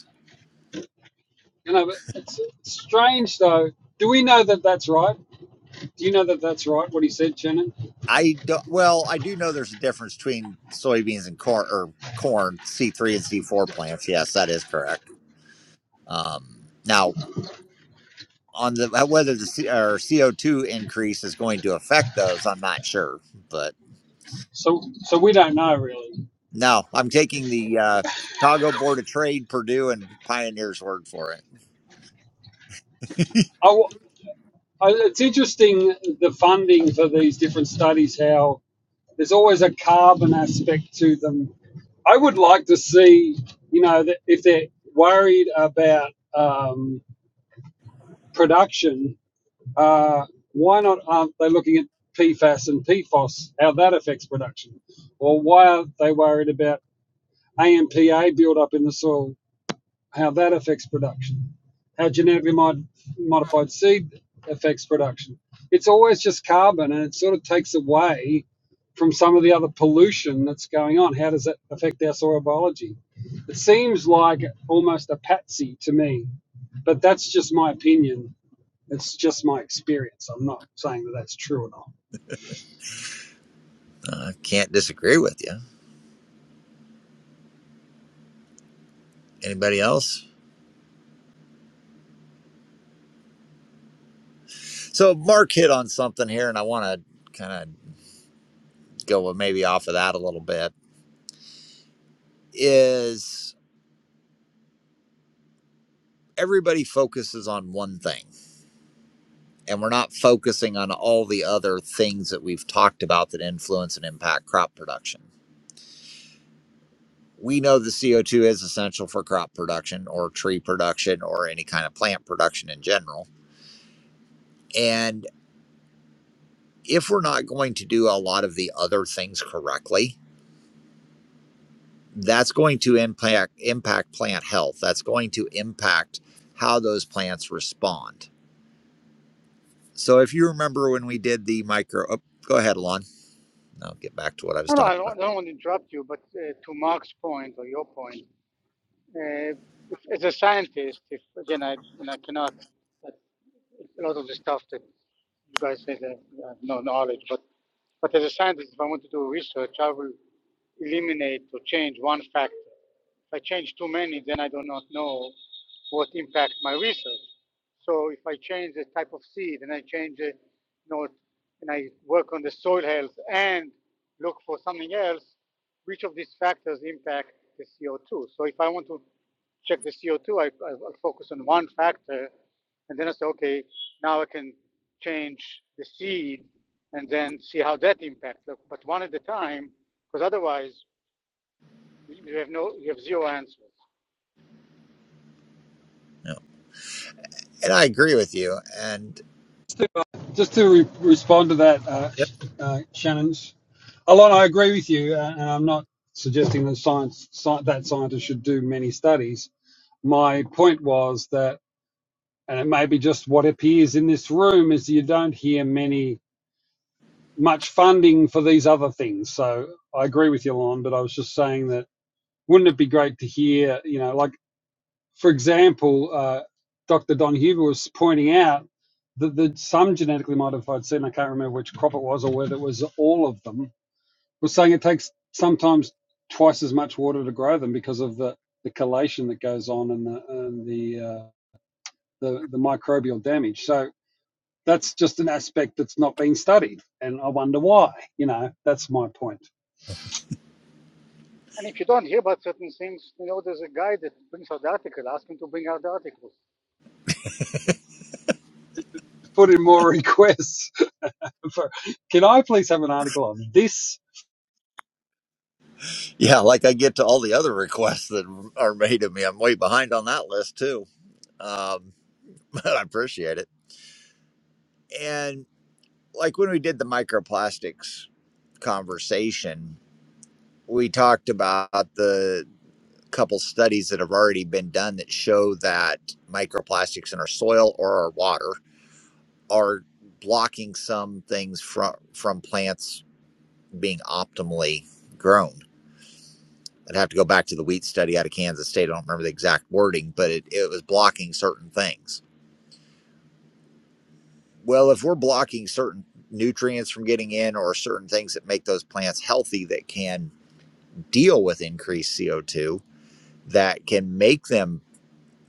Speaker 8: You know, but it's it's strange though. Do we know that that's right? Do you know that that's right? What he said, Shannon?
Speaker 1: I don't, well, I do know there's a difference between soybeans and corn or corn C3 and C4 plants. Yes, that is correct. Um, now, on the uh, whether the C, or CO2 increase is going to affect those, I'm not sure, but
Speaker 8: So, so we don't know really.
Speaker 1: no, I'm taking the uh, Chicago Board of Trade, Purdue, and Pioneer's word for it.
Speaker 8: I, Oh, It's interesting the funding for these different studies, how there's always a carbon aspect to them. I would like to see, you know, if they're worried about um, production, uh, why not aren't they looking at PFAS and PFOS, how that affects production? Or why aren't they worried about AMPA build up in the soil? how that affects production, how genetically mod- modified seed affects production. It's always just carbon, and it sort of takes away from some of the other pollution that's going on. How does that affect our soil biology? It seems like almost a patsy to me, but that's just my opinion. It's just my experience. I'm not saying that that's true or not.
Speaker 1: I uh, can't disagree with you. Anybody else? So, Mark hit on something here, and I want to kind of go uh, maybe off of that a little bit. Is everybody focuses on one thing and we're not focusing on all the other things that we've talked about that influence and impact crop production. We know the CO2 is essential for crop production or tree production or any kind of plant production in general. And if we're not going to do a lot of the other things correctly, that's going to impact impact plant health. That's going to impact how those plants respond. So if you remember when we did the micro, oh, go ahead, Alon. I'll get back to what I was
Speaker 5: No, no,
Speaker 1: talking
Speaker 5: I
Speaker 1: about.
Speaker 5: don't, I don't want to interrupt you, but uh, to Mark's point or your point, uh, if, as a scientist, if again I and I cannot, a lot of the stuff that you guys say that I have no knowledge, but but as a scientist, if I want to do research, I will eliminate or change one factor If I change too many, then I do not know what impact my research. So if I change the type of seed and I change it, you know, and I work on the soil health and look for something else, which of these factors impact the CO2? So if I want to check the CO2, I, I I'll focus on one factor and then I say, okay, now I can change the seed and then see how that impacts. But one at a time, because otherwise you have no, you have zero answers.
Speaker 1: Yeah. And I agree with you. And
Speaker 8: to, uh, just to re- respond to that, uh,
Speaker 1: Yep.
Speaker 8: uh, Shannon's, Alon, I agree with you, uh, and I'm not suggesting that science sci- that scientists should do many studies. My point was that, and it may be just what appears in this room, is you don't hear many much funding for these other things. So I agree with you, Alon, but I was just saying that wouldn't it be great to hear, you know, like. For example, uh, Dr. Don Huber was pointing out that the, some genetically modified seed, and I can't remember which crop it was or whether it was all of them, was saying it takes sometimes twice as much water to grow them because of the, the collation that goes on and the and the, uh, the the microbial damage. So that's just an aspect that's not being studied, and I wonder why. You know, that's my point.
Speaker 5: And if you don't hear about certain things, you know, there's a guy that brings out the article. Ask him to bring out the article.
Speaker 8: Put in more (laughs) requests for. Can I please have an article on this?
Speaker 1: yeah, like I get to all the other (laughs) requests that are made of me. I'm way behind on that list too. Um, (laughs) but I appreciate it. And like when we did the microplastics conversation, we talked about the couple studies that have already been done that show that microplastics in our soil or our water are blocking some things from from plants being optimally grown. I'd have to go back to the wheat study out of Kansas State. I don't remember the exact wording, but it, it was blocking certain things. Well, if we're blocking certain nutrients from getting in or certain things that make those plants healthy that can deal with increased CO2, that can make them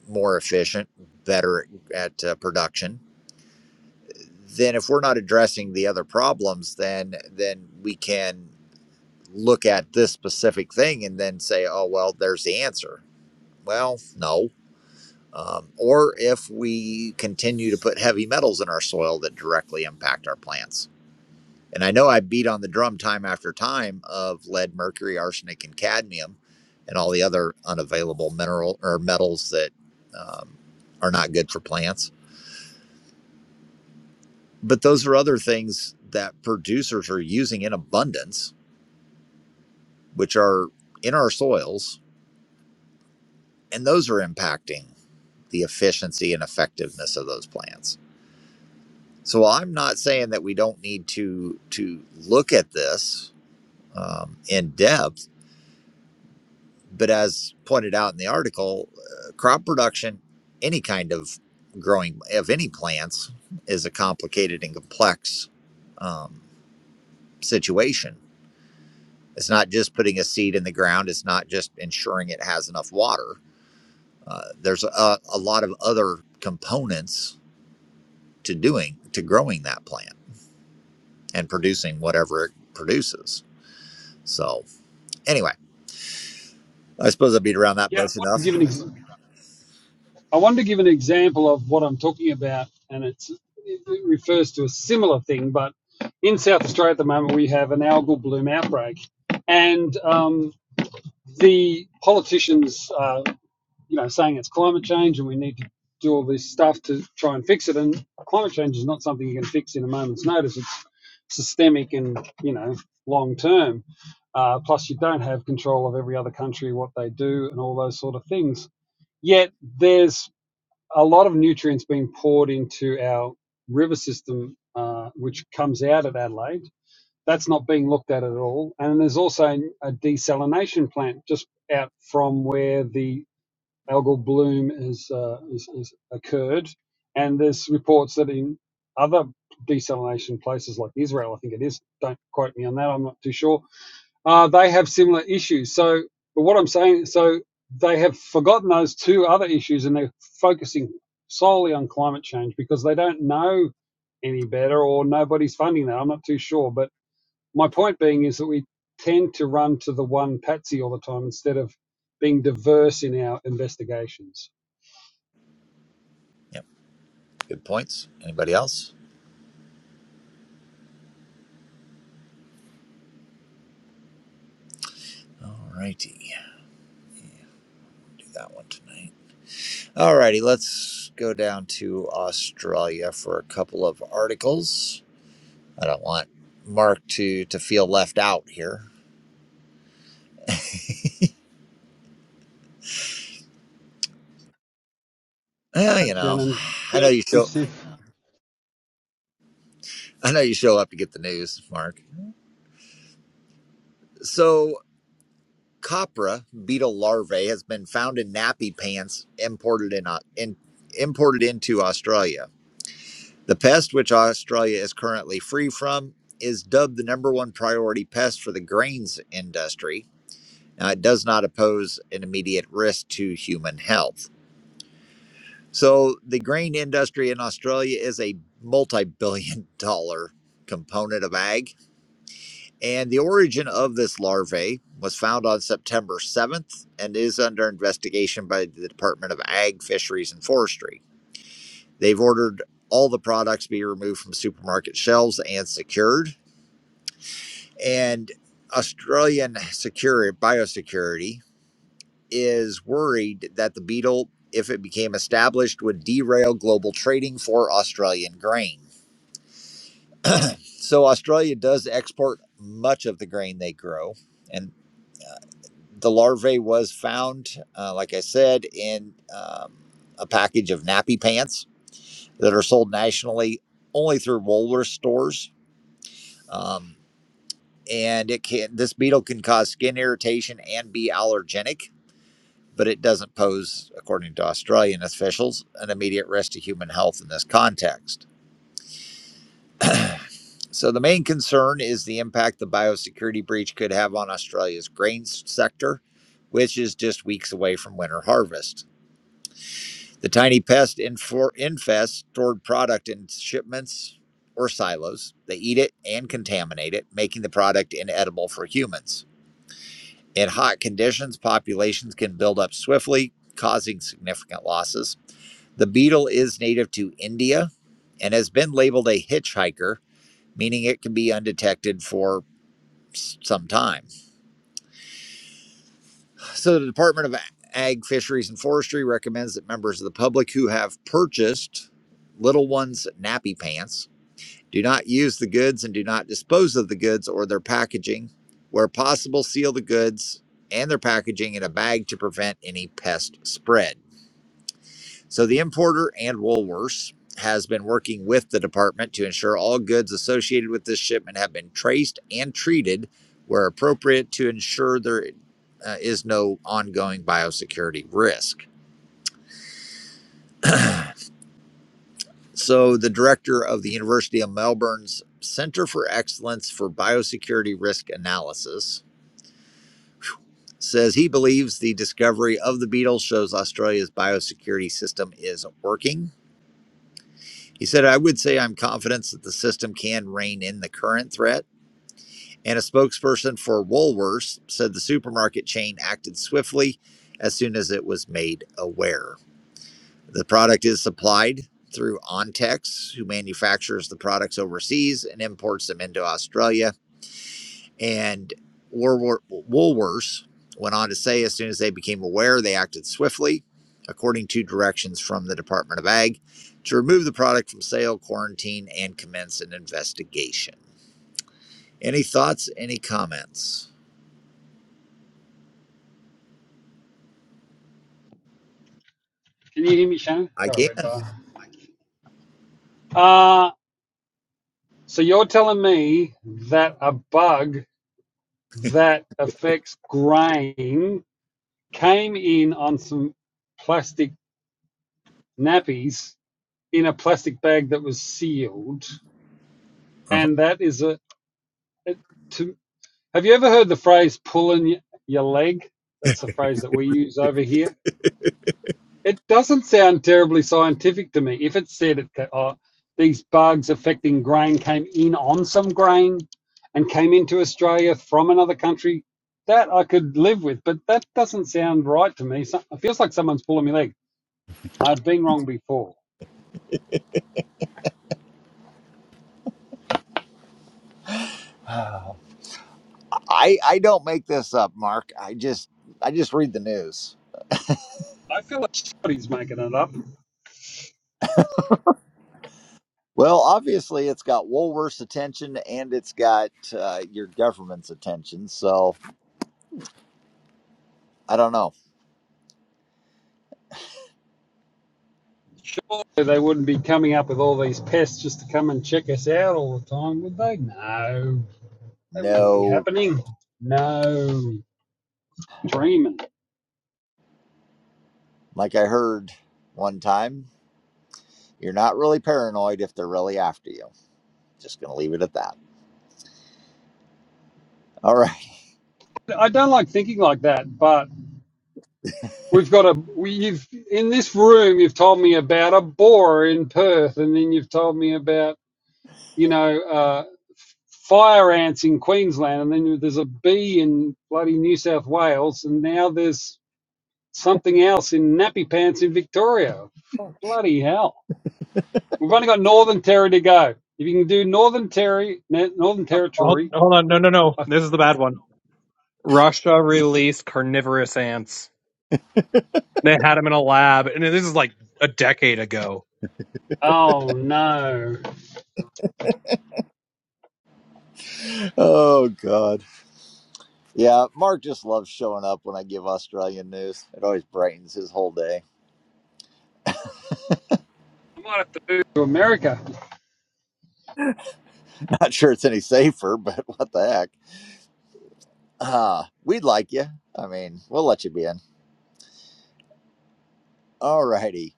Speaker 1: more efficient, better at uh, production, then if we're not addressing the other problems then then we can look at this specific thing and then say oh well there's the answer well no um, or if we continue to put heavy metals in our soil that directly impact our plants and i know i beat on the drum time after time of lead mercury arsenic and cadmium and all the other unavailable mineral or metals that um, are not good for plants But those are other things that producers are using in abundance, which are in our soils, and those are impacting the efficiency and effectiveness of those plants. So I'm not saying that we don't need to to look at this um, in depth, but as pointed out in the article, uh, crop production, any kind of growing of any plants, is a complicated and complex um, situation It's not just putting a seed in the ground. It's not just ensuring it has enough water. Uh, there's a, a lot of other components to doing to growing that plant and producing whatever it produces. So anyway, I suppose I beat around that
Speaker 8: Yeah, I
Speaker 1: bush
Speaker 8: want to
Speaker 1: enough.
Speaker 8: give an example I wanted to give an example of what I'm talking about, and it's, it refers to a similar thing. But in South Australia at the moment, we have an algal bloom outbreak, and um, the politicians are, you know, saying it's climate change and we need to do all this stuff to try and fix it. And climate change is not something you can fix in a moment's notice. It's systemic and you know long term. Uh, plus, you don't have control of every other country, what they do, and all those sort of things. Yet there's a lot of nutrients being poured into our river system, uh, which comes out of Adelaide. That's not being looked at at all. And there's also a desalination plant just out from where the algal bloom has uh, is, is occurred. And there's reports that in other desalination places like Israel, I think it is, don't quote me on that, I'm not too sure, uh, they have similar issues. So, but what I'm saying, so they have forgotten those two other issues and they're focusing solely on climate change because they don't know any better or nobody's funding that. I'm not too sure. But my point being is that we tend to run to the one patsy all the time instead of being diverse in our investigations.
Speaker 1: Yep. Good points. Anybody else? All righty. Do that one tonight. All righty. Let's go down to Australia for a couple of articles. I don't want Mark to to feel left out here. Well, you
Speaker 8: Right,
Speaker 1: know,
Speaker 8: Shannon,
Speaker 1: I know
Speaker 8: feeling
Speaker 1: you show
Speaker 8: inclusive.
Speaker 1: I know you show up to get the news, Mark. So copra beetle larvae has been found in nappy pants imported in, Au- in imported into Australia. The pest, which Australia is currently free from, is dubbed the number one priority pest for the grains industry. Now, it does not pose an immediate risk to human health. So, the grain industry in Australia is a multi billion (laughs) dollar component of ag And the origin of this larvae was found on September 7th and is under investigation by the Department of Ag, Fisheries, and Forestry. They've ordered all the products be removed from supermarket shelves and secured. And Australian Security Biosecurity is worried that the beetle, if it became established, would derail global trading for Australian grain. So Australia does export much of the grain they grow, and the larvae was found, uh, like I said, in um, a package of nappy pants that are sold nationally only through Woolworth stores. Um, and it can this beetle can cause skin irritation and be allergenic, but it doesn't pose, according to Australian officials, an immediate risk to human health in this context. So the main concern is the impact the biosecurity breach could have on Australia's grain sector, which is just weeks away from winter harvest. The tiny pest infor- infests stored product in shipments or silos. They eat it and contaminate it, making the product inedible for humans. In hot conditions, populations can build up swiftly, causing significant losses. The beetle is native to India and has been labeled a hitchhiker, meaning it can be undetected for some time. So, the Department of Ag, Fisheries, and Forestry recommends that members of the public who have purchased little ones' nappy pants Do not use the goods and do not dispose of the goods or their packaging. Where possible, seal the goods and their packaging in a bag to prevent any pest spread. So the importer and Woolworths has been working with the department to ensure all goods associated with this shipment have been traced and treated where appropriate to ensure there uh, is no ongoing biosecurity risk. So the director of the University of Melbourne's Center for Excellence for Biosecurity Risk Analysis says he believes the discovery of the beetle shows Australia's biosecurity system is working. He said, I would say I'm confident that the system can rein in the current threat. And a spokesperson for Woolworths said the supermarket chain acted swiftly as soon as it was made aware. The product is supplied through Ontex, who manufactures the products overseas and imports them into Australia And Woolworths went on to say as soon as they became aware, they acted swiftly, according to directions from the Department of Ag, to remove the product from sale, quarantine, and commence an investigation. Any thoughts, any comments?
Speaker 8: Can you hear me, Shannon?
Speaker 1: I
Speaker 8: Oh,
Speaker 1: can.
Speaker 8: red bar. Uh, so you're telling me that a bug that affects grain came in on some plastic nappies in a plastic bag that was sealed.
Speaker 1: Uh-huh.
Speaker 8: And that is a, it- to, have you ever heard the phrase pulling your leg? That's the phrase that we use over here. It doesn't sound terribly scientific to me. If it said it, oh, these bugs affecting grain came in on some grain and came into Australia from another country, that I could live with. But that doesn't sound right to me. So, it feels like someone's pulling my leg. I've been wrong before.
Speaker 1: Wow. I, I don't make this up, Mark. I just I just read the news.
Speaker 8: I feel like somebody's making it up.
Speaker 1: Well, obviously, it's got Woolworth's attention and it's got uh, your government's attention. So I don't know.
Speaker 8: Surely they wouldn't be coming up with all these pests just to come and check us out all the time, would they? No, that wouldn't be
Speaker 1: No
Speaker 8: happening. No, dreaming.
Speaker 1: Like I heard one time, you're not really paranoid if they're really after you. Just going to leave it at that. (laughs) All right.
Speaker 8: I don't like thinking like that, but we've got a we, you've in this room you've told me about a boar in Perth, and then you've told me about you know uh, fire ants in Queensland, and then there's a bee in bloody New South Wales, and now there's something else in nappy pants in Victoria. Fuck, bloody hell! We've only got Northern Territory to go. If you can do Northern Terry, Northern
Speaker 9: Oh, Hold,
Speaker 8: Territory,
Speaker 9: hold on, no, no, no.
Speaker 8: I,
Speaker 9: This is the bad one. Russia released carnivorous ants. They had them in a lab, and this is like a decade ago.
Speaker 8: oh no,
Speaker 1: Oh, God. Yeah, Mark just loves showing up when I give Australian news. It always brightens his whole day.
Speaker 8: I might have to move to America.
Speaker 1: (laughs) Not sure it's any safer, but (laughs) what the heck. Uh, we'd like you. I mean, we'll let you be in. All righty.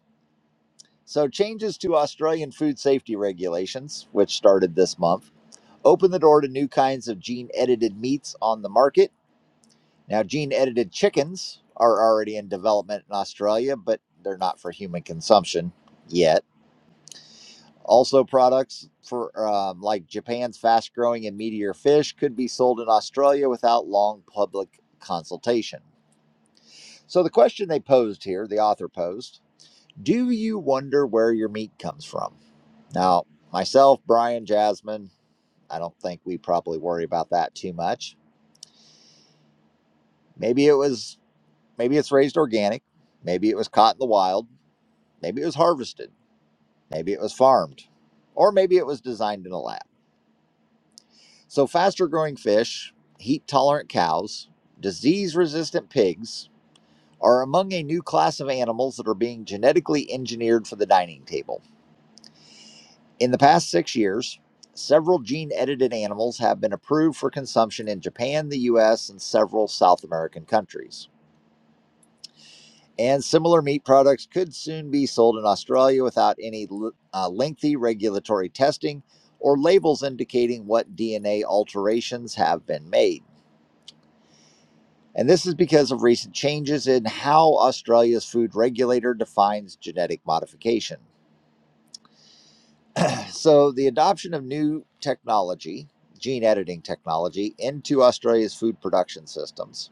Speaker 1: So, changes to Australian food safety regulations, which started this month, open the door to new kinds of gene edited meats on the market Now, gene edited chickens are already in development in Australia, but they're not for human consumption yet. Also, products for um, like Japan's fast growing and meatier fish could be sold in Australia without long public consultation. So, the question they posed here, the author posed, do you wonder where your meat comes from? Now, myself, Brian, Jasmine, I don't think we probably worry about that too much. Maybe it was, maybe it's raised organic, maybe it was caught in the wild Maybe it was harvested. Maybe it was farmed. Or maybe it was designed in a lab. So, faster growing fish, heat tolerant cows, disease resistant pigs are among a new class of animals that are being genetically engineered for the dining table. In the past six years, several gene edited animals have been approved for consumption in Japan, the US, and several South American countries. and similar meat products could soon be sold in Australia without any uh, lengthy regulatory testing or labels indicating what DNA alterations have been made. And this is because of recent changes in how Australia's food regulator defines genetic modification. (sighs) So, the adoption of new technology, gene editing technology, into Australia's food production systems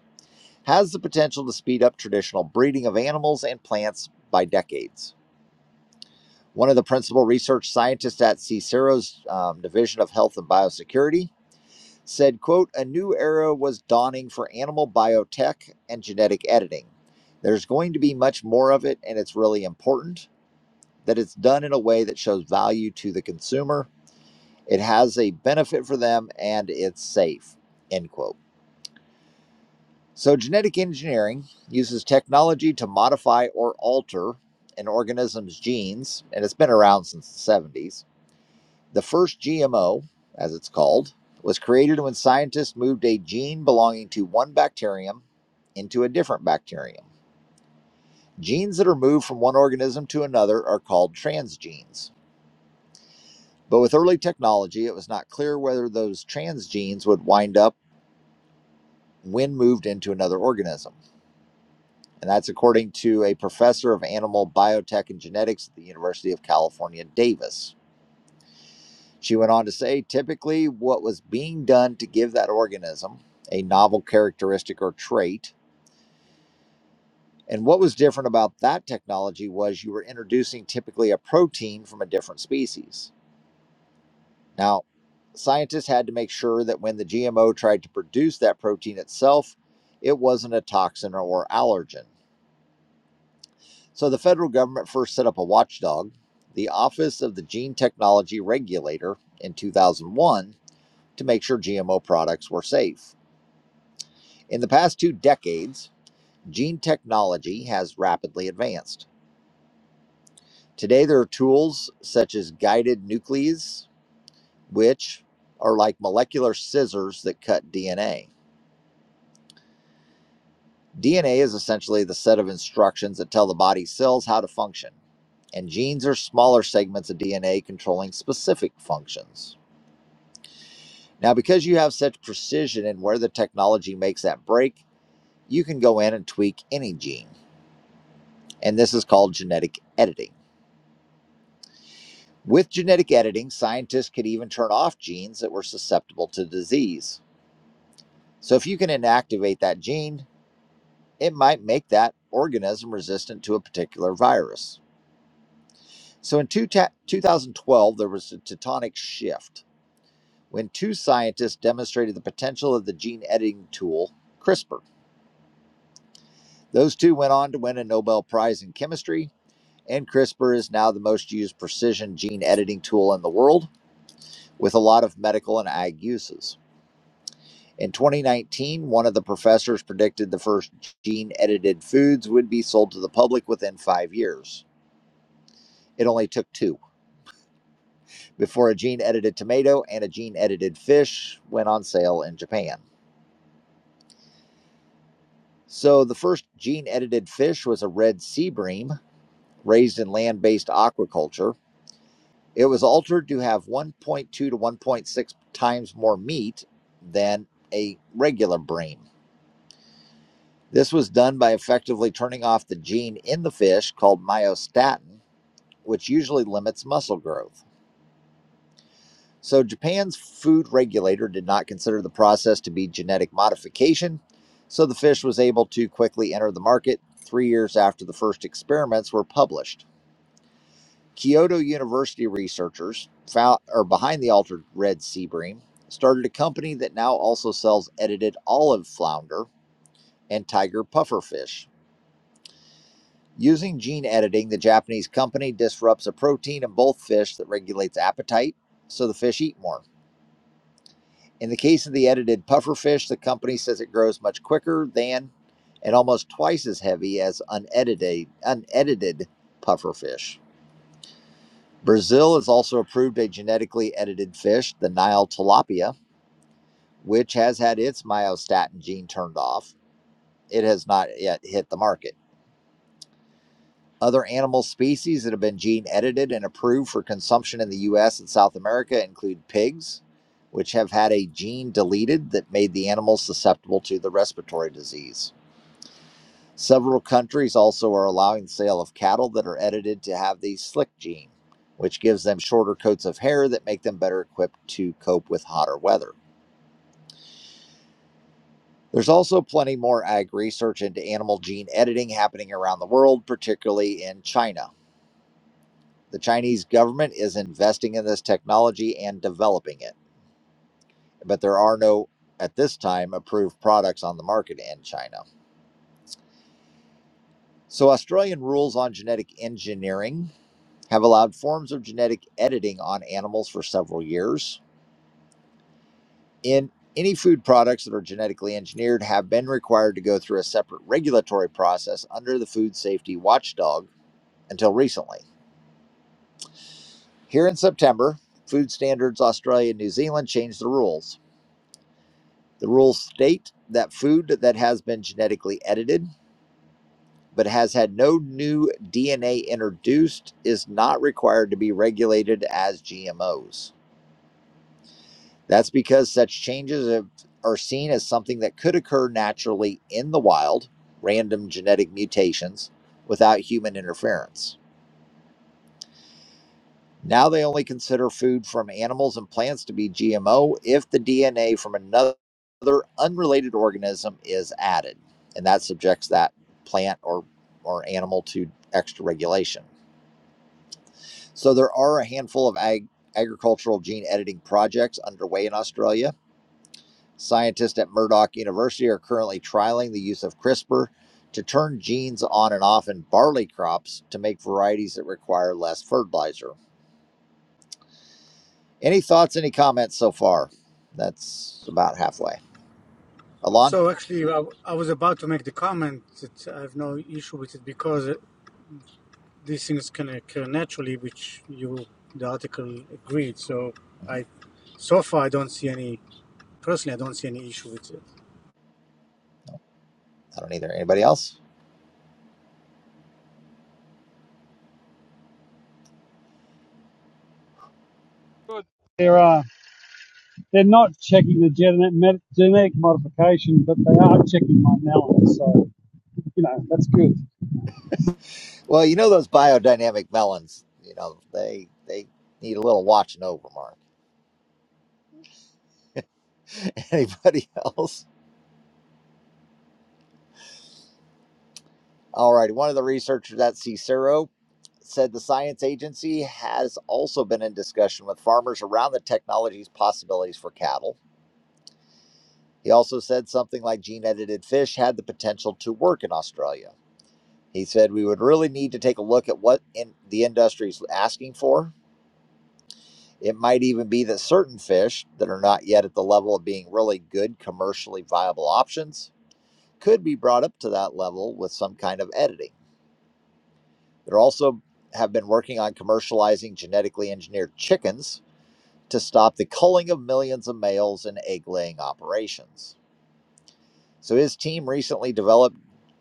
Speaker 1: has the potential to speed up traditional breeding of animals and plants by decades. one of the principal research scientists at CSIRO's um, Division of Health and Biosecurity, said, quote, a new era was dawning for animal biotech and genetic editing. There's going to be much more of it, and it's really important that it's done in a way that shows value to the consumer. It has a benefit for them, and it's safe, end quote. So genetic engineering uses technology to modify or alter an organism's genes, and it's been around since the 70s The first GMO, as it's called, was created when scientists moved a gene belonging to one bacterium into a different bacterium. Genes that are moved from one organism to another are called transgenes. But with early technology, it was not clear whether those transgenes would wind up when moved into another organism. And that's according to a professor of animal biotech and genetics at the University of California, Davis. She went on to say typically, what was being done to give that organism a novel characteristic or trait. And what was different about that technology was you were introducing typically a protein from a different species. Now, scientists had to make sure that when the GMO tried to produce that protein itself, it wasn't a toxin or allergen. So the federal government first set up a watchdog, the Office of the Gene Technology Regulator, in 2001 to make sure GMO products were safe. In the past two decades, gene technology has rapidly advanced. Today, there are tools such as guided nuclease, which are like molecular scissors that cut DNA. DNA is essentially the set of instructions that tell the body's cells how to function, and genes are smaller segments of DNA controlling specific functions. Now, because you have such precision in where the technology makes that break, you can go in and tweak any gene, and this is called genetic editing. With genetic editing, scientists could even turn off genes that were susceptible to disease. So, if you can inactivate that gene, it might make that organism resistant to a particular virus. So, in two ta- 2012, there was a tectonic shift when two scientists demonstrated the potential of the gene editing tool, CRISPR. Those two went on to win a Nobel Prize in Chemistry, and CRISPR is now the most used precision gene editing tool in the world with a lot of medical and ag uses. In 2019, one of the professors predicted the first gene edited foods would be sold to the public within five years. It only took two before a gene edited tomato and a gene edited fish went on sale in Japan. So, the first gene edited fish was a red sea bream raised in land based aquaculture. It was altered to have 1.2 to 1.6 times more meat than a regular bream. This was done by effectively turning off the gene in the fish called myostatin, which usually limits muscle growth. So, Japan's food regulator did not consider the process to be genetic modification, so the fish was able to quickly enter the market three years after the first experiments were published. Kyoto University researchers found, or behind the altered red sea bream started a company that now also sells edited olive flounder and tiger pufferfish. Using gene editing, the Japanese company disrupts a protein in both fish that regulates appetite, so the fish eat more. In the case of the edited puffer fish, the company says it grows much quicker than and almost twice as heavy as unedited, unedited puffer fish. Brazil has also approved a genetically edited fish, the Nile tilapia, which has had its myostatin gene turned off. It has not yet hit the market. Other animal species that have been gene edited and approved for consumption in the US and South America include pigs, which have had a gene deleted that made the animals susceptible to the respiratory disease. Several countries also are allowing the sale of cattle that are edited to have the slick gene, which gives them shorter coats of hair that make them better equipped to cope with hotter weather. There's also plenty more ag research into animal gene editing happening around the world, particularly in China. The Chinese government is investing in this technology and developing it, but there are no, at this time, approved products on the market in China. So, Australian rules on genetic engineering have allowed forms of genetic editing on animals for several years. In any food products that are genetically engineered have been required to go through a separate regulatory process under the Food Safety Watchdog until recently. Here in September, Food Standards Australia and New Zealand changed the rules The rules state that food that has been genetically edited but has had no new DNA introduced is not required to be regulated as GMOs. That's because such changes have- are seen as something that could occur naturally in the wild, random genetic mutations, without human interference. Now they only consider food from animals and plants to be GMO if the DNA from another unrelated organism is added, and that subjects that plant or or animal to extra regulation. So there are a handful of ag- agricultural gene editing projects underway in Australia. Scientists at Murdoch University are currently trialing the use of CRISPR to turn genes on and off in barley crops to make varieties that require less fertilizer. Any thoughts, any comments so far? That's about halfway. Alon?
Speaker 5: So actually, I, I was about to make the comment that I have no issue with it because uh, these things can occur naturally, which you the article agreed. So I
Speaker 1: I
Speaker 5: so far I don't see any personally I don't see any issue with it.
Speaker 1: don't either. Anybody else?
Speaker 8: Good. They're not checking the genetic, genetic modification, but they are checking my melon. So, you know, that's good.
Speaker 1: Well, you know those biodynamic melons, you know, they they need a little watching over, Mark. (laughs) Anybody else? All right. One of the researchers at Cicero said the science agency has also been in discussion with farmers around the technology's possibilities for cattle. He also said something like gene edited fish had the potential to work in Australia. He said we would really need to take a look at what in the industry is asking for. It might even be that certain fish that are not yet at the level of being really good commercially viable options could be brought up to that level with some kind of editing. They're also have been working on commercializing genetically engineered chickens to stop the culling of millions of males in egg laying operations. So his team recently developed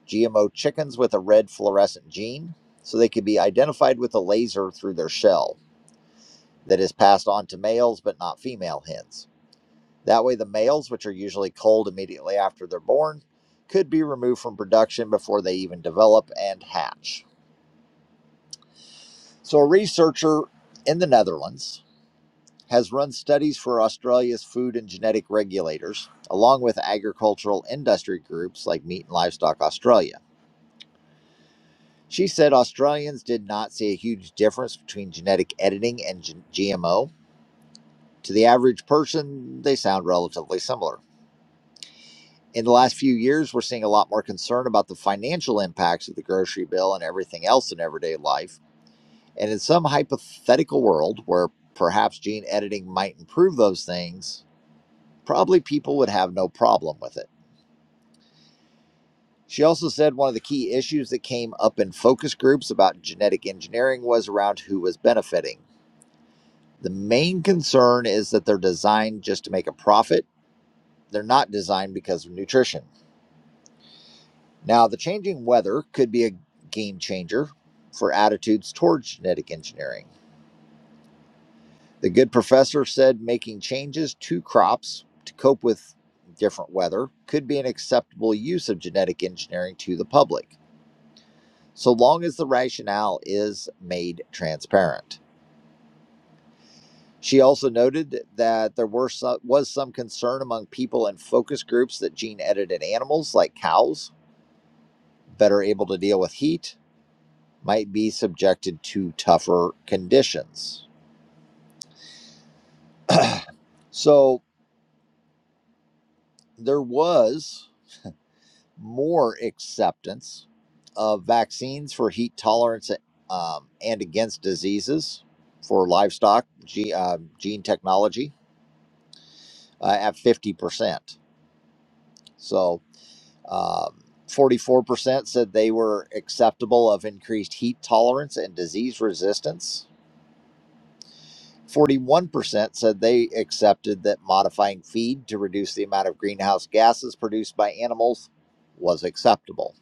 Speaker 1: GMO chickens with a red fluorescent gene so they could be identified with a laser through their shell. that is passed on to males but not female hens. That way, the males, which are usually culled immediately after they're born, could be removed from production before they even develop and hatch. So, a researcher in the Netherlands has run studies for Australia's food and genetic regulators, along with agricultural industry groups like Meat and Livestock Australia. She said Australians did not see a huge difference between genetic editing and GMO. To the average person, they sound relatively similar. in the last few years, we're seeing a lot more concern about the financial impacts of the grocery bill and everything else in everyday life. And in some hypothetical world where perhaps gene editing might improve those things, probably people would have no problem with it. She also said one of the key issues that came up in focus groups about genetic engineering was around who was benefiting. The main concern is that they're designed just to make a profit, they're not designed because of nutrition. Now, the changing weather could be a game changer for attitudes towards genetic engineering. The good professor said making changes to crops to cope with different weather could be an acceptable use of genetic engineering to the public, so long as the rationale is made transparent. She also noted that there were some, was some concern among people in focus groups that gene edited animals like cows better able to deal with heat might be subjected to tougher conditions. So there was more acceptance of vaccines for heat tolerance um, and against diseases for livestock ge- uh, gene technology uh, at 50%. So um, 44% said they were acceptable of increased heat tolerance and disease resistance. 41% said they accepted that modifying feed to reduce the amount of greenhouse gases produced by animals was acceptable.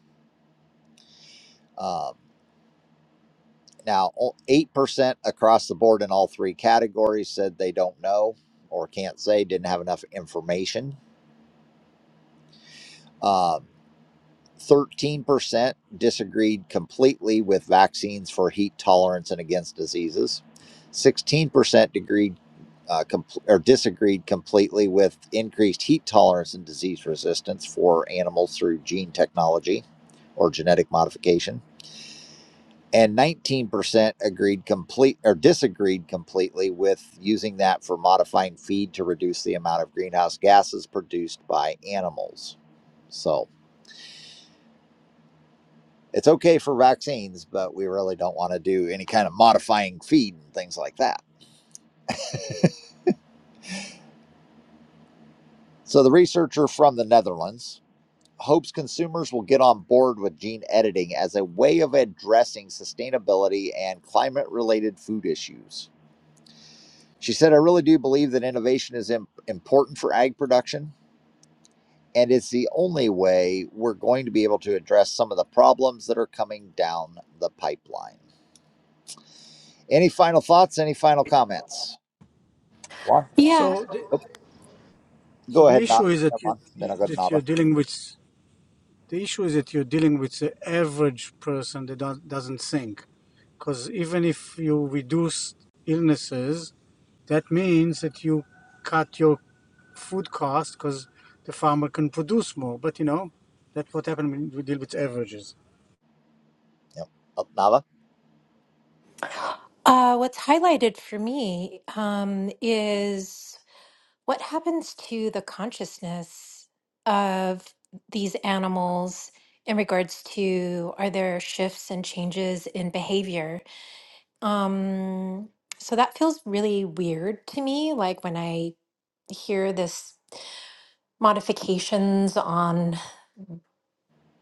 Speaker 1: Um, now, 8% across the board in all three categories said they don't know or can't say, didn't have enough information. Um, 13% disagreed completely with vaccines for heat tolerance and against diseases. 16% agreed, uh, compl- or disagreed completely with increased heat tolerance and disease resistance for animals through gene technology or genetic modification. And 19% agreed complete or disagreed completely with using that for modifying feed to reduce the amount of greenhouse gases produced by animals. So, It's okay for vaccines, but we really don't want to do any kind of modifying feed and things like that. So the researcher from the Netherlands hopes consumers will get on board with gene editing as a way of addressing sustainability and climate related food issues. She said, I really do believe that innovation is im- important for ag production, and it's the only way we're going to be able to address some of the problems that are coming down the pipeline. Any final thoughts? Any final comments? Juan?
Speaker 10: Yeah,
Speaker 5: So the, so
Speaker 1: Go
Speaker 5: the
Speaker 1: ahead, Nava.
Speaker 5: issue is
Speaker 1: Come
Speaker 5: that you
Speaker 1: on. Then I'll go to
Speaker 5: that
Speaker 1: Nava.
Speaker 5: you're dealing with the issue is that you're dealing with the average person that don't, doesn't think because even if you reduce illnesses That means that you cut your food cost because the farmer can produce more. But you know, that's what happened when we deal with averages.
Speaker 1: Yep. Up, Nava.
Speaker 10: uh, what's highlighted for me um, is what happens to the consciousness of these animals in regards to are there shifts and changes in behavior? Um, so that feels really weird to me. Like when I hear this modifications on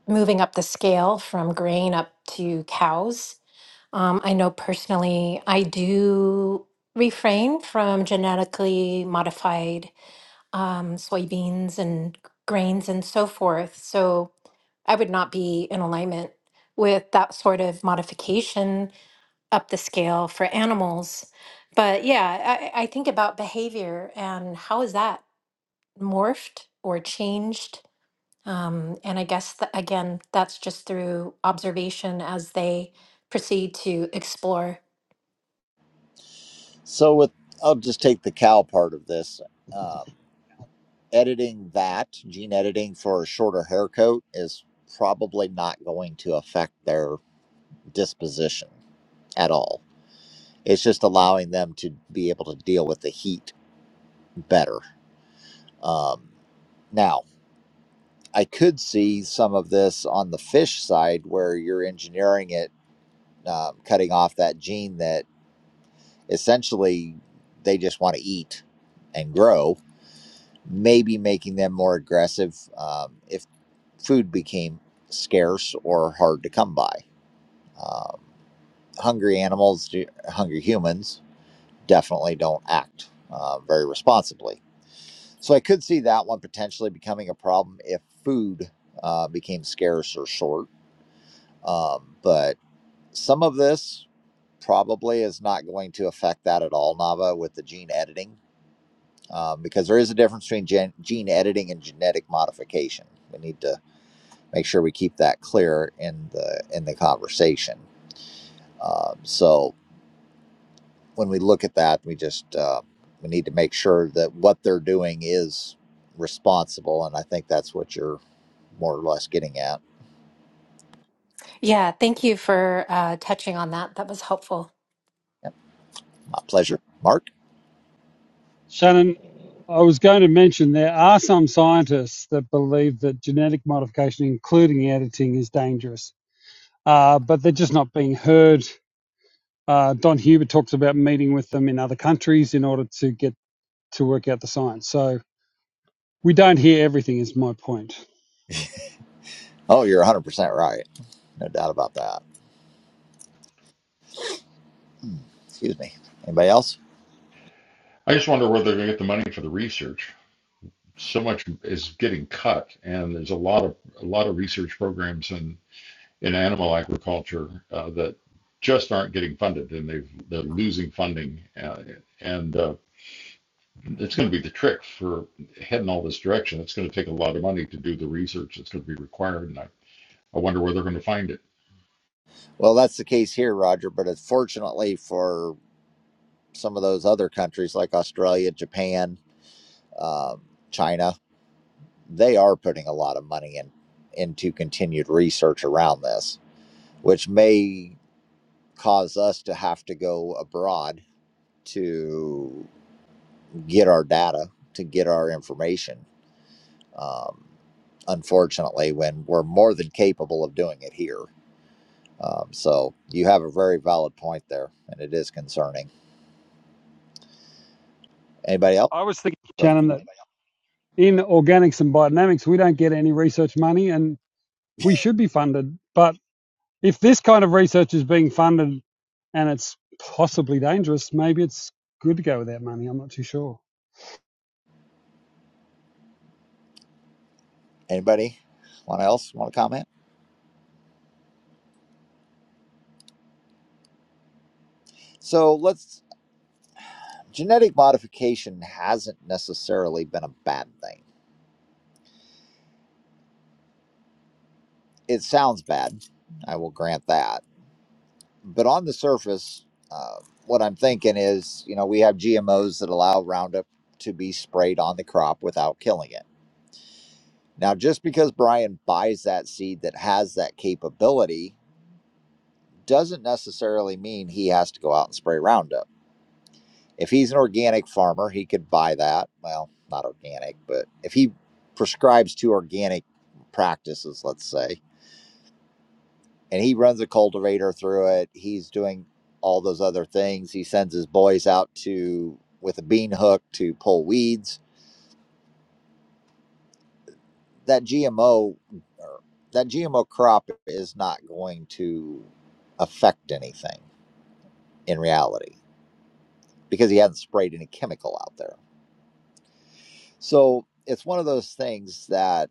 Speaker 10: moving up the scale from grain up to cows Um, I know personally, I do refrain from genetically modified um, soybeans and grains and so forth. So I would not be in alignment with that sort of modification up the scale for animals. But yeah, I, I think about behavior and how is that morphed or changed? Um, and I guess that, again, that's just through observation as they proceed to explore
Speaker 1: So with, I'll just take the cow part of this. Um, editing that gene editing for a shorter hair coat is probably not going to affect their disposition at all. It's just allowing them to be able to deal with the heat better. Um, now, I could see some of this on the fish side where you're engineering it, um, cutting off that gene that. essentially they just want to eat and grow maybe making them more aggressive um, if food became scarce or hard to come by um, hungry animals hungry humans definitely don't act uh, very responsibly so i could see that one potentially becoming a problem if food uh, became scarce or short um, but some of this probably is not going to affect that at all nava with the gene editing um, because there is a difference between gen- gene editing and genetic modification. We need to make sure we keep that clear in the in the conversation. Um, so when we look at that, we just uh, we need to make sure that what they're doing is responsible, and I think that's what you're more or less getting at.
Speaker 10: Yeah, thank you for uh, touching on that. That was helpful.
Speaker 1: Yep, my pleasure, Mark.
Speaker 8: Shannon, I was going to mention there are some scientists that believe that genetic modification, including editing, is dangerous, uh, but they're just not being heard. Uh, Don Huber talks about meeting with them in other countries in order to get to work out the science. So we don't hear everything, is my point.
Speaker 1: Oh, you're 100 percent right, no doubt about that. Excuse me. Anybody else?
Speaker 3: I just wonder where they're gonna get the money for the research. So much is getting cut, and there's a lot of a lot of research programs in in animal agriculture uh, that just aren't getting funded, and they've they're losing funding. Uh, and uh, It's going to be the trick for heading all this direction. It's going to take a lot of money to do the research that's going to be required, and I, I wonder where they're going to find it.
Speaker 1: Well, that's the case here, Roger. But unfortunately for. some of those other countries like Australia, Japan, um, China, they are putting a lot of money in into continued research around this, which may cause us to have to go abroad to get our data, to get our information. Um, unfortunately, when we're more than capable of doing it here. Um, so you have a very valid point there, and it is concerning. Anybody else?
Speaker 8: I was thinking, Shannon, that in organics and biodynamics, we don't get any research money, and we should be funded. But if this kind of research is being funded and it's possibly dangerous, maybe it's good to go with that money. I'm not too sure.
Speaker 1: anybody? Want else want to comment? So let's genetic modification hasn't necessarily been a bad thing. It sounds bad, I will grant that. But on the surface, uh, what I'm thinking is, you know, we have GMOs that allow Roundup to be sprayed on the crop without killing it. Now, just because Brian buys that seed that has that capability doesn't necessarily mean he has to go out and spray Roundup If he's an organic farmer, he could buy that. Well, not organic, but if he prescribes to organic practices, let's say, and he runs a cultivator through it, he's doing all those other things. He sends his boys out to with a bean hook to pull weeds. That GMO or that GMO crop is not going to affect anything in reality because he hasn't sprayed any chemical out there. So it's one of those things that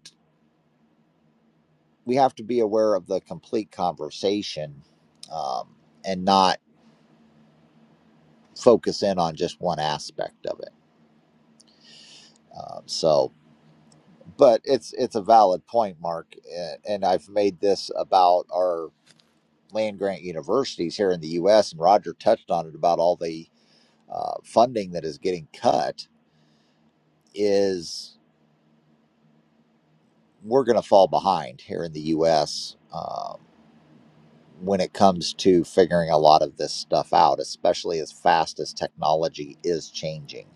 Speaker 1: we have to be aware of the complete conversation um, and not focus in on just one aspect of it. Um, so, but it's it's a valid point, Mark, a- and I've made this about our land grant universities here in the U.S. and Roger touched on it about all the uh, funding that is getting cut. Is we're going to fall behind here in the U.S. when it comes to figuring a lot of this stuff out, especially as fast as technology is changing.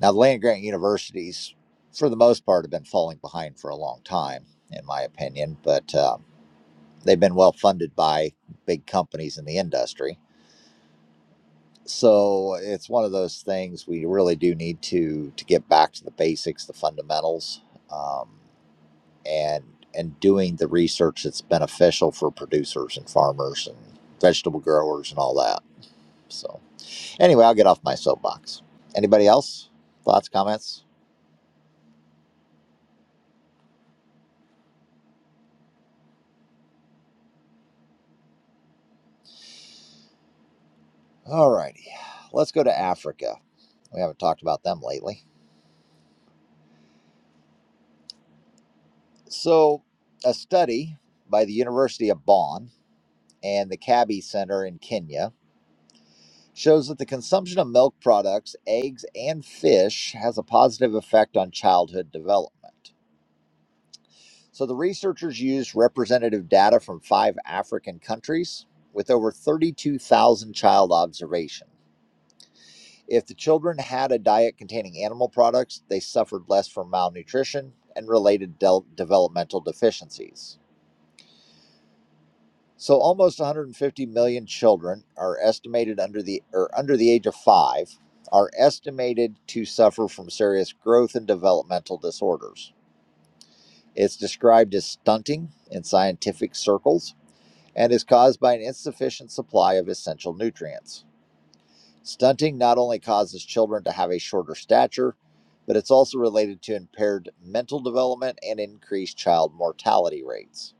Speaker 1: Now, the land grant universities, for the most part, have been falling behind for a long time, in my opinion, but uh, they've been well funded by big companies in the industry. So it's one of those things we really do need to to get back to the basics, the fundamentals, um, and and doing the research that's beneficial for producers and farmers and vegetable growers and all that. So anyway, I'll get off my soapbox. Anybody else? Thoughts, comments? All righty. Let's go to Africa. We haven't talked about them lately. So a study by the University of Bonn and the Kabi Center in Kenya shows that the consumption of milk products, eggs, and fish has a positive effect on childhood development. So the researchers used representative data from five African countries with over 32,000 child observations. If the children had a diet containing animal products, they suffered less from malnutrition and related del- developmental deficiencies. So almost 150 million children are estimated under the or under the age of 5 are estimated to suffer from serious growth and developmental disorders. It's described as stunting in scientific circles and is caused by an insufficient supply of essential nutrients. Stunting not only causes children to have a shorter stature, but it's also related to impaired mental development and increased child mortality rates.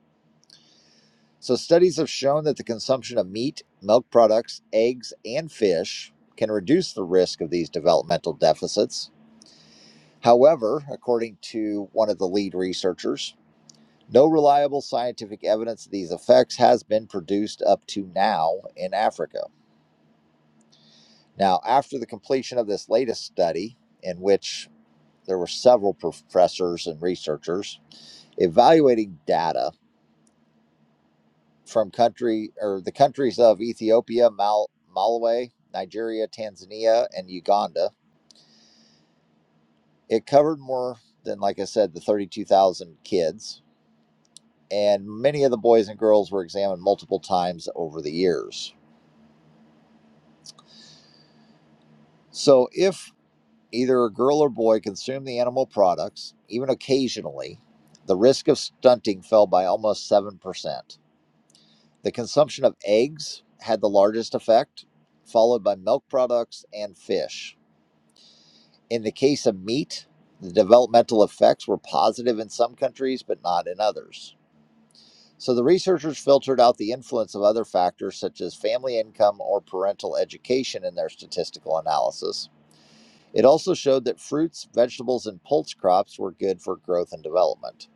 Speaker 1: So, studies have shown that the consumption of meat, milk products, eggs, and fish can reduce the risk of these developmental deficits. However, according to one of the lead researchers, no reliable scientific evidence of these effects has been produced up to now in Africa. Now, after the completion of this latest study, in which there were several professors and researchers evaluating data from country or the countries of Ethiopia, Mal- Malawi, Nigeria, Tanzania, and Uganda. It covered more than, like I said, the 32,000 kids, and many of the boys and girls were examined multiple times over the years. So, if either a girl or boy consumed the animal products, even occasionally, the risk of stunting fell by almost 7%. The consumption of eggs had the largest effect, followed by milk products and fish. In the case of meat, the developmental effects were positive in some countries but not in others. So the researchers filtered out the influence of other factors such as family income or parental education in their statistical analysis. It also showed that fruits, vegetables, and pulse crops were good for growth and development.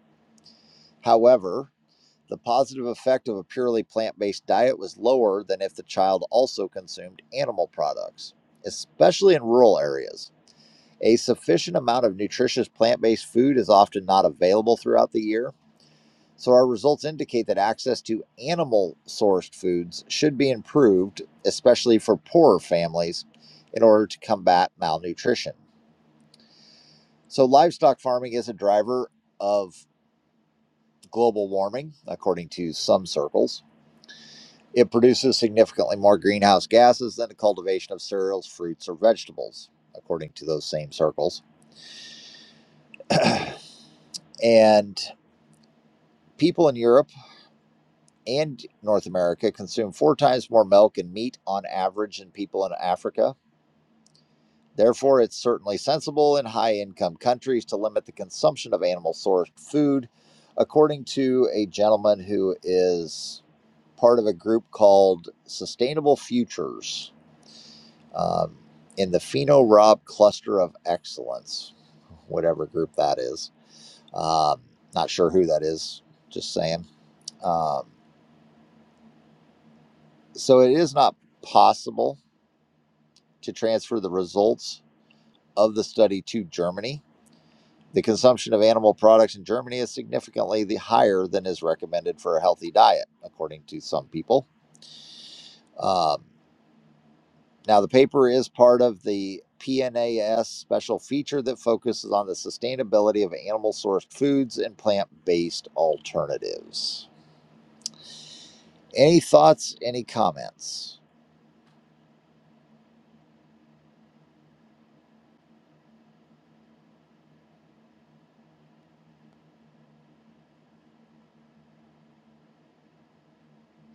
Speaker 1: However, The positive effect of a purely plant based diet was lower than if the child also consumed animal products, especially in rural areas. A sufficient amount of nutritious plant based food is often not available throughout the year, so our results indicate that access to animal sourced foods should be improved, especially for poorer families, in order to combat malnutrition. So, livestock farming is a driver of global warming, according to some circles It produces significantly more greenhouse gases than the cultivation of cereals, fruits, or vegetables, according to those same circles. And people in Europe and North America consume four times more milk and meat on average than people in Africa. Therefore, it's certainly sensible in high income countries to limit the consumption of animal sourced food, according to a gentleman who is part of a group called Sustainable Futures um, in the Pheno Rob Cluster of Excellence, whatever group that is. Um, not sure who that is, just saying. Um, so it is not possible to transfer the results of the study to Germany. The consumption of animal products in Germany is significantly the higher than is recommended for a healthy diet, according to some people. Um, Now, the paper is part of the PNAS special feature that focuses on the sustainability of animal sourced foods and plant based alternatives. Any thoughts, any comments?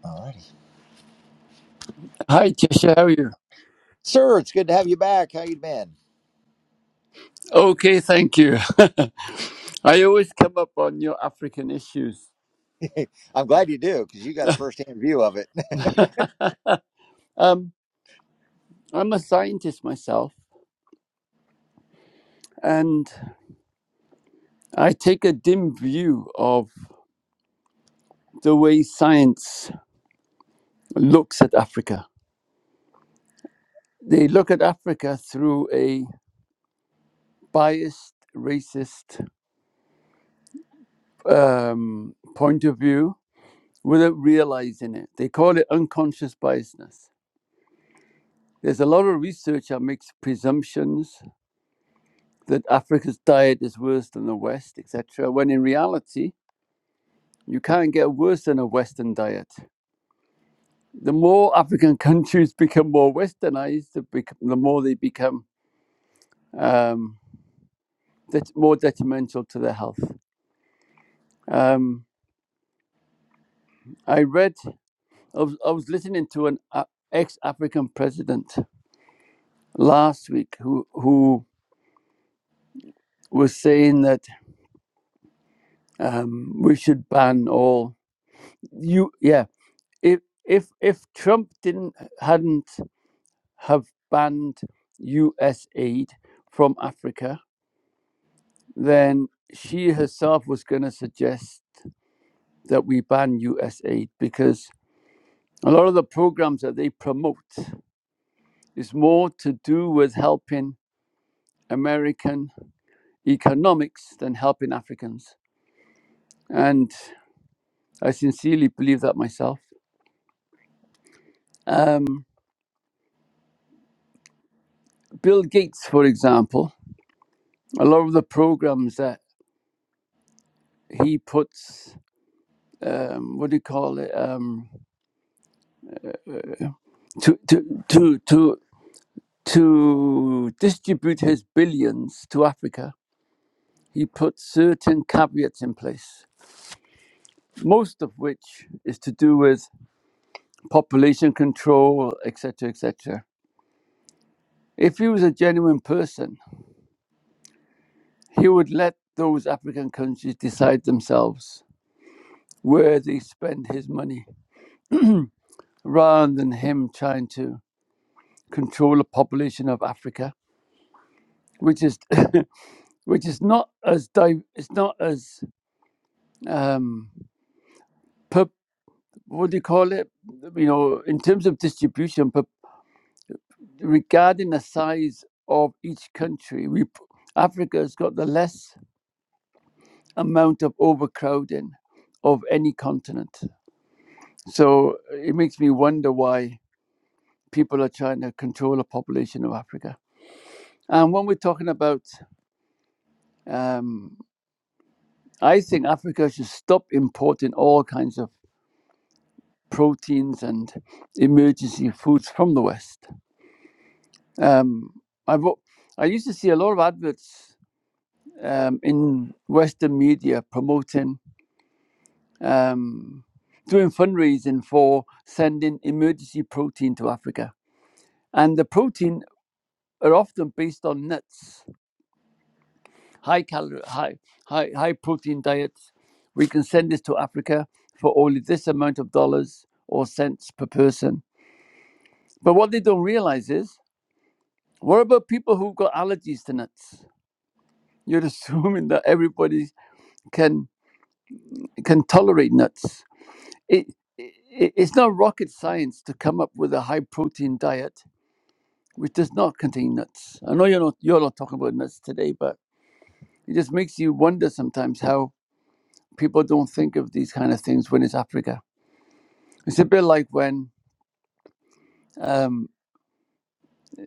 Speaker 1: All righty.
Speaker 11: Hi, Tisha, how are you?
Speaker 1: Sir, it's good to have you back. How you been?
Speaker 11: Okay, thank you. (laughs) I always come up on your African issues.
Speaker 1: (laughs) I'm glad you do because you got a first-hand view of it.
Speaker 11: Um, I'm a scientist myself, and I take a dim view of the way science looks at Africa. They look at Africa through a biased, racist um, point of view without realizing it. They call it unconscious biasness. There's a lot of research that makes presumptions that Africa's diet is worse than the West, etc., when in reality, you can't get worse than a Western diet. The more African (laughs) countries become more westernized, the, bec- the more they become um, det- more detrimental to their health. Um, I read, I was, I was listening to an uh, ex African president last week who, who was saying that um, we should ban all, you, yeah, if, if, if Trump didn't hadn't have banned US aid from Africa, then she herself was going to suggest that we ban US aid because a lot of the programs that they promote is more to do with helping American economics than helping Africans. And I sincerely believe that myself. Um, Bill Gates, for example, a lot of the programs that he puts, um, what do you call it? Um, to to to to to distribute his billions to Africa, he put certain caveats in place, most of which is to do with population control, etc., etc. If he was a genuine person, he would let those African countries decide themselves where they spend his money, rather than him trying to control the population of Africa, which is (laughs) which is not as di- it's not as um, pub- what do you call it? You know, in terms of distribution, but regarding the size of each country, we Africa has got the less amount of overcrowding of any continent. So uh, it makes me wonder why people are trying to control the population of Africa. And when we're talking about, um, I think Africa should stop importing all kinds of proteins and emergency foods from the West Um, I've, I used to see a lot of adverts um, in Western media promoting um, doing fundraising for sending emergency protein to Africa, and the protein are often based on nuts, high calorie, high high high protein diets. We can send this to Africa for only this amount of dollars or cents per person. But what they don't realize is, what about people who've got allergies to nuts? You're (laughs) assuming that everybody can can tolerate nuts. It, it, it's not rocket science to come up with a high protein diet which does not contain nuts. I know you're not you're not talking about nuts today, but it just makes you wonder sometimes how people don't think of these kind of things when it's Africa. It's a bit like when um,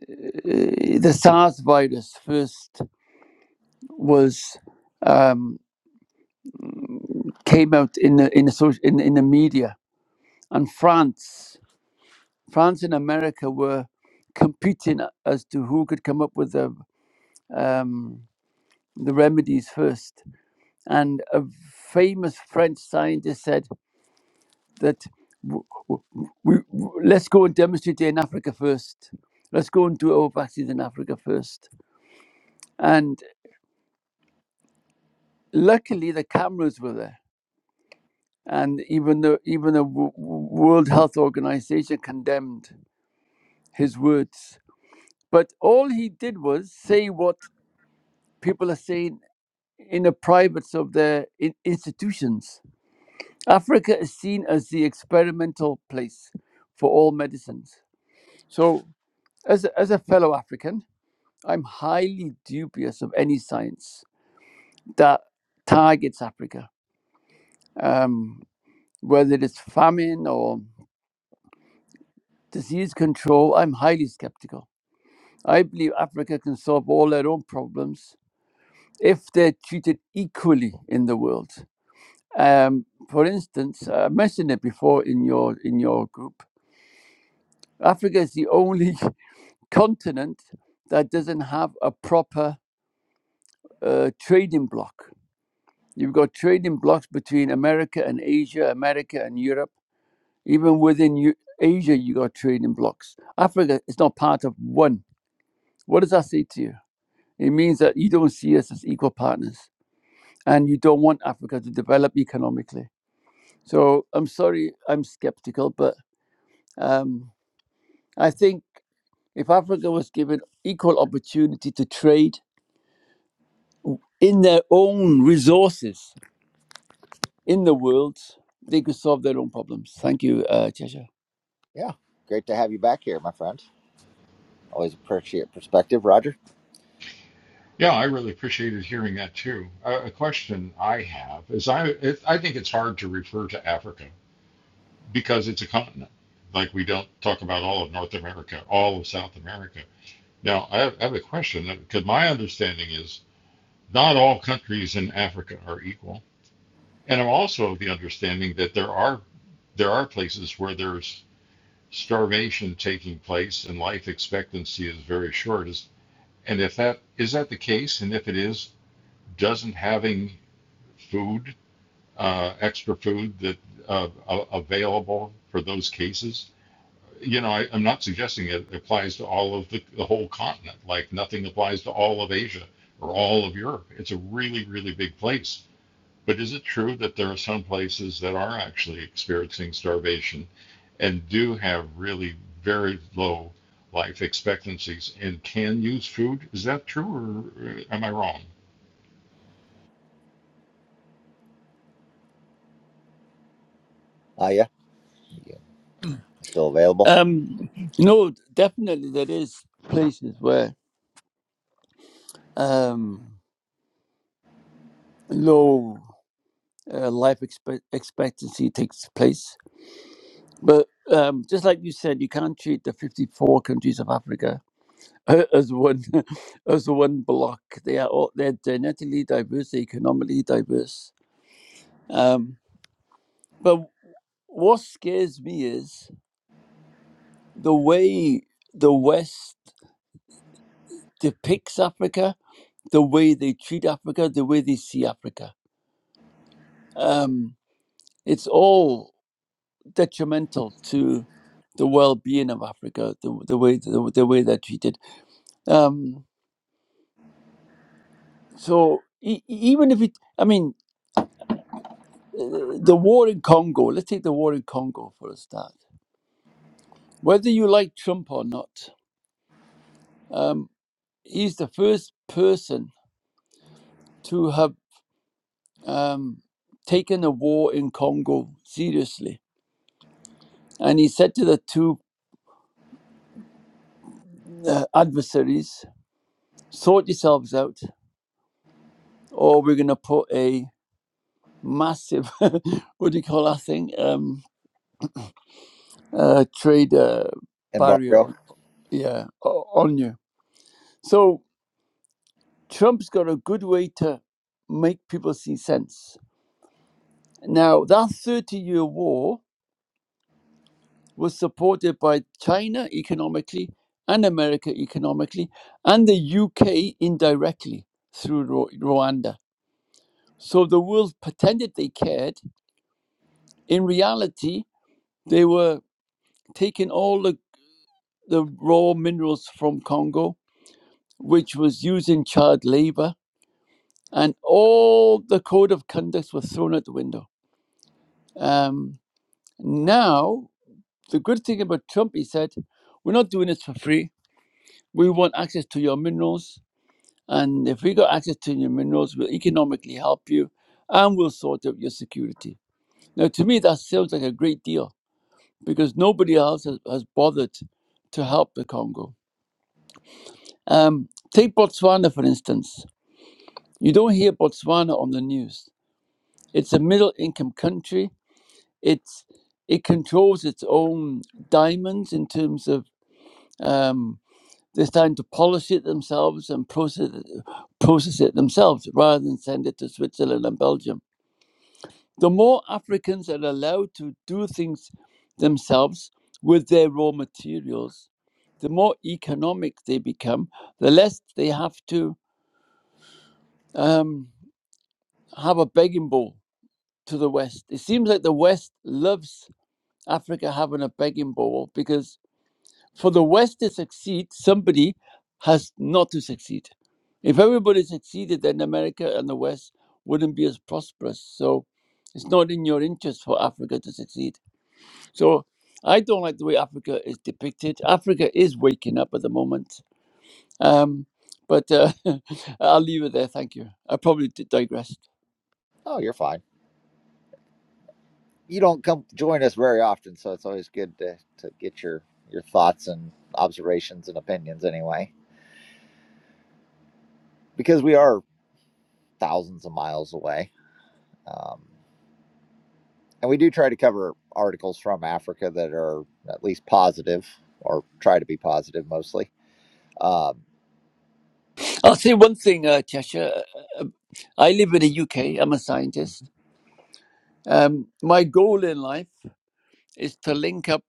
Speaker 11: eh, the SARS virus first was um, came out in the in the, social, in, in the media, and France France and America were competing as to who could come up with the um, the remedies first. And a famous French scientist said that w- w- we, w let's go and demonstrate it in Africa first. Let's go and do our vaccines in Africa first. And luckily, the cameras were there, and even the even the w- w- World Health Organization condemned his words. But all he did was say what people are saying in the privates of their in- institutions. Africa is seen as the experimental place for all medicines. So, as a, as a fellow African, I'm highly dubious of any science that targets Africa, um, whether it's famine or disease control. I'm highly skeptical. I believe Africa can solve all their own problems if they're treated equally in the world. Um, for instance, I mentioned it before in your in your group. Africa is the only (laughs) continent that doesn't have a proper uh, trading bloc. You've got trading blocks between America and Asia, America and Europe. Even within Eu- Asia, you got trading blocks. Africa is not part of one. What does that say to you? It means that you don't see us as equal partners, and you don't want Africa to develop economically. So I'm sorry, I'm skeptical, but. Um, I think if Africa was given equal opportunity to trade in their own resources in the world, they could solve their own problems. Thank you, uh, Cheshire.
Speaker 1: (laughs) yeah, great to have you back here, my friend. Always appreciate perspective, Roger.
Speaker 3: Yeah, I really appreciated hearing that too. A, a question I have is I it, I think it's hard to refer to Africa because it's a continent. Like we don't talk about all of North America, all of South America. Now I have, I have a question because my understanding is not all countries in Africa are equal, and I'm also of the understanding that there are there are places where there's starvation taking place and life expectancy is very short is and if that is that the case and if it is doesn't having food uh, extra food that uh, available for those cases you know I, i'm not suggesting it applies to all of the, the whole continent like nothing applies to all of asia or all of europe it's a really really big place but is it true that there are some places that are actually experiencing starvation and do have really very low life expectancies and can use food? Is that true or uh, am I wrong?
Speaker 1: Ah, yeah, you still available?
Speaker 11: Um, no, definitely there is places where um, low uh, life expe- expectancy takes place. But um, just like you said, you can't treat the 54 countries of Africa uh, as one (laughs) as one block. They are all they're genetically diverse, they're economically diverse Um, but what scares me is the way the West depicts Africa, the way they treat Africa, the way they see Africa. Um, it's all detrimental to the well-being of Africa, the, the way the, the way they're treated. Um, so e- e- even if it, I mean, uh, the war in Congo. Let's take the war in Congo for a start. Whether you like Trump or not, um, he's the first person to have. um, taken the war in Congo seriously. And he said to the two uh, adversaries, sort yourselves out, or we're going to put a massive, (laughs) what do you call that thing? Um, uh, trade uh, barrier,
Speaker 1: Embargo?
Speaker 11: on- yeah, o- on you. So Trump's got a good way to make people see sense. Now, that 30 year war was supported by China economically and America economically and the UK indirectly through Ru- Rwanda. So the world pretended they cared. In reality, they were taking all the, the raw minerals from Congo, which was used in child labor, and all the code of conducts were thrown out the window. Um, now, the good thing about Trump, he said, we're not doing this for free. We want access to your minerals And if we got access to your minerals, we'll economically help you and we'll sort out your security. Now, to me, that sounds like a great deal because nobody else has, has bothered to help the Congo. Um, take Botswana, for instance. You don't hear Botswana on the news. It's a middle income country. It's, it controls its own diamonds in terms of um, they're starting to polish it themselves and process process it themselves rather than send it to Switzerland and Belgium The more Africans are allowed to do things themselves with their raw materials, the more economic they become, the less they have to um, have a begging bowl to the West. It seems like the West loves Africa having a begging bowl because for the West to succeed, somebody has not to succeed. If everybody succeeded, then America and the West wouldn't be as prosperous. So it's not in your interest for Africa to succeed. So I don't like the way Africa is depicted. Africa is waking up at the moment. Um, but uh, (laughs) I'll leave it there. Thank you. I probably di- digressed.
Speaker 1: Oh, you're fine. you don't come join us very often, so it's always good to, to get your your thoughts and observations and opinions anyway, because we are thousands of miles away, um, and we do try to cover articles from Africa that are at least positive or try to be positive mostly. Um,
Speaker 11: I'll say one thing, uh, Cheshire. Uh, uh, I live in the UK. I'm a scientist. Um, my goal in life is to link up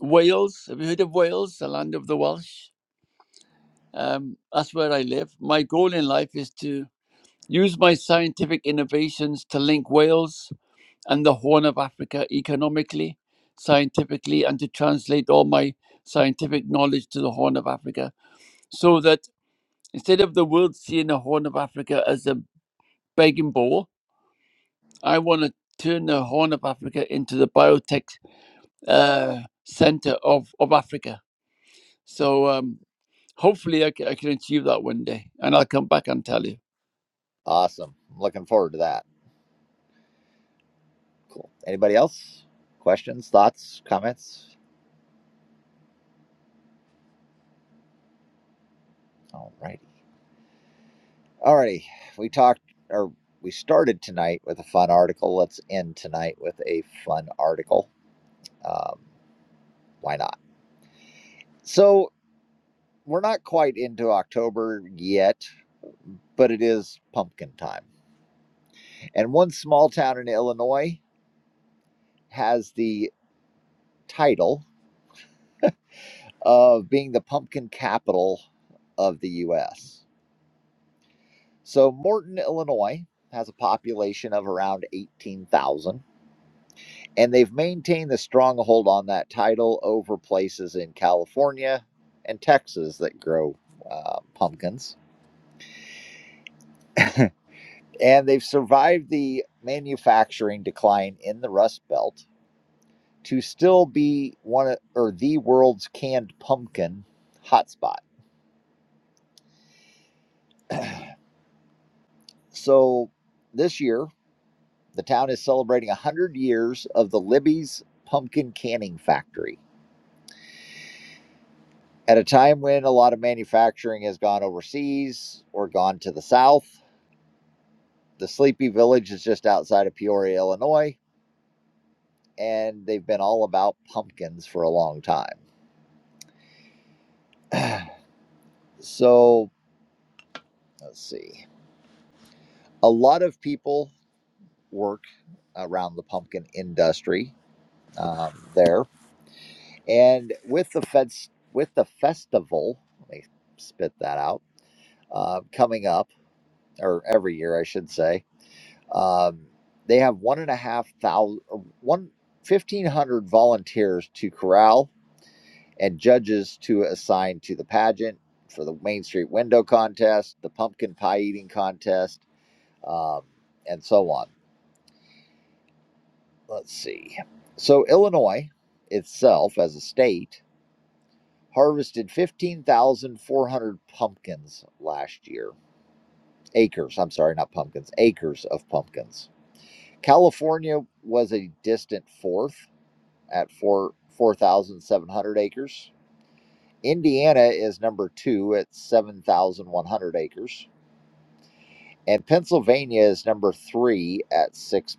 Speaker 11: Wales. Have you heard of Wales, the land of the Welsh? Um, that's where I live. My goal in life is to use my scientific innovations to link Wales and the Horn of Africa economically, scientifically, and to translate all my scientific knowledge to the Horn of Africa. So that instead of the world seeing the Horn of Africa as a begging bowl, I want to turn the Horn of Africa into the biotech uh, center of, of Africa. So um, hopefully I, c- I can achieve that one day, and I'll come back and tell you.
Speaker 1: awesome, I'm looking forward to that. Cool. Anybody else? Questions, thoughts, comments? Alrighty. Alrighty, we talked or we started tonight with a fun article. Let's end tonight with a fun article. Um, why not? So we're not quite into October yet, but it is pumpkin time. And one small town in Illinois has the title of being the pumpkin capital of the U.S. So Morton, Illinois has a population of around 18,000 and they've maintained the stronghold on that title over places in California and Texas that grow uh, pumpkins. And they've survived the manufacturing decline in the Rust Belt to still be one of, or the world's canned pumpkin hotspot. So this year, the town is celebrating 100 years of the Libby's Pumpkin Canning Factory. At a time when a lot of manufacturing has gone overseas or gone to the south, The Sleepy Village is just outside of Peoria, Illinois, and they've been all about pumpkins for a long time. (clears throat) So let's see. A lot of people work around the pumpkin industry um, there, and with the feds with the festival, let me spit that out. Uh, coming up, or every year, I should say, um, they have one and a half thousand, one fifteen hundred volunteers to corral and judges to assign to the pageant for the Main Street Window Contest, the Pumpkin Pie Eating Contest, um, and so on. Let's see. So, Illinois itself as a state harvested 15,400 pumpkins last year. Acres, I'm sorry, not pumpkins, acres of pumpkins. California was a distant fourth at four 4,700 acres. Indiana is number two at 7,100 acres. and Pennsylvania is number three at six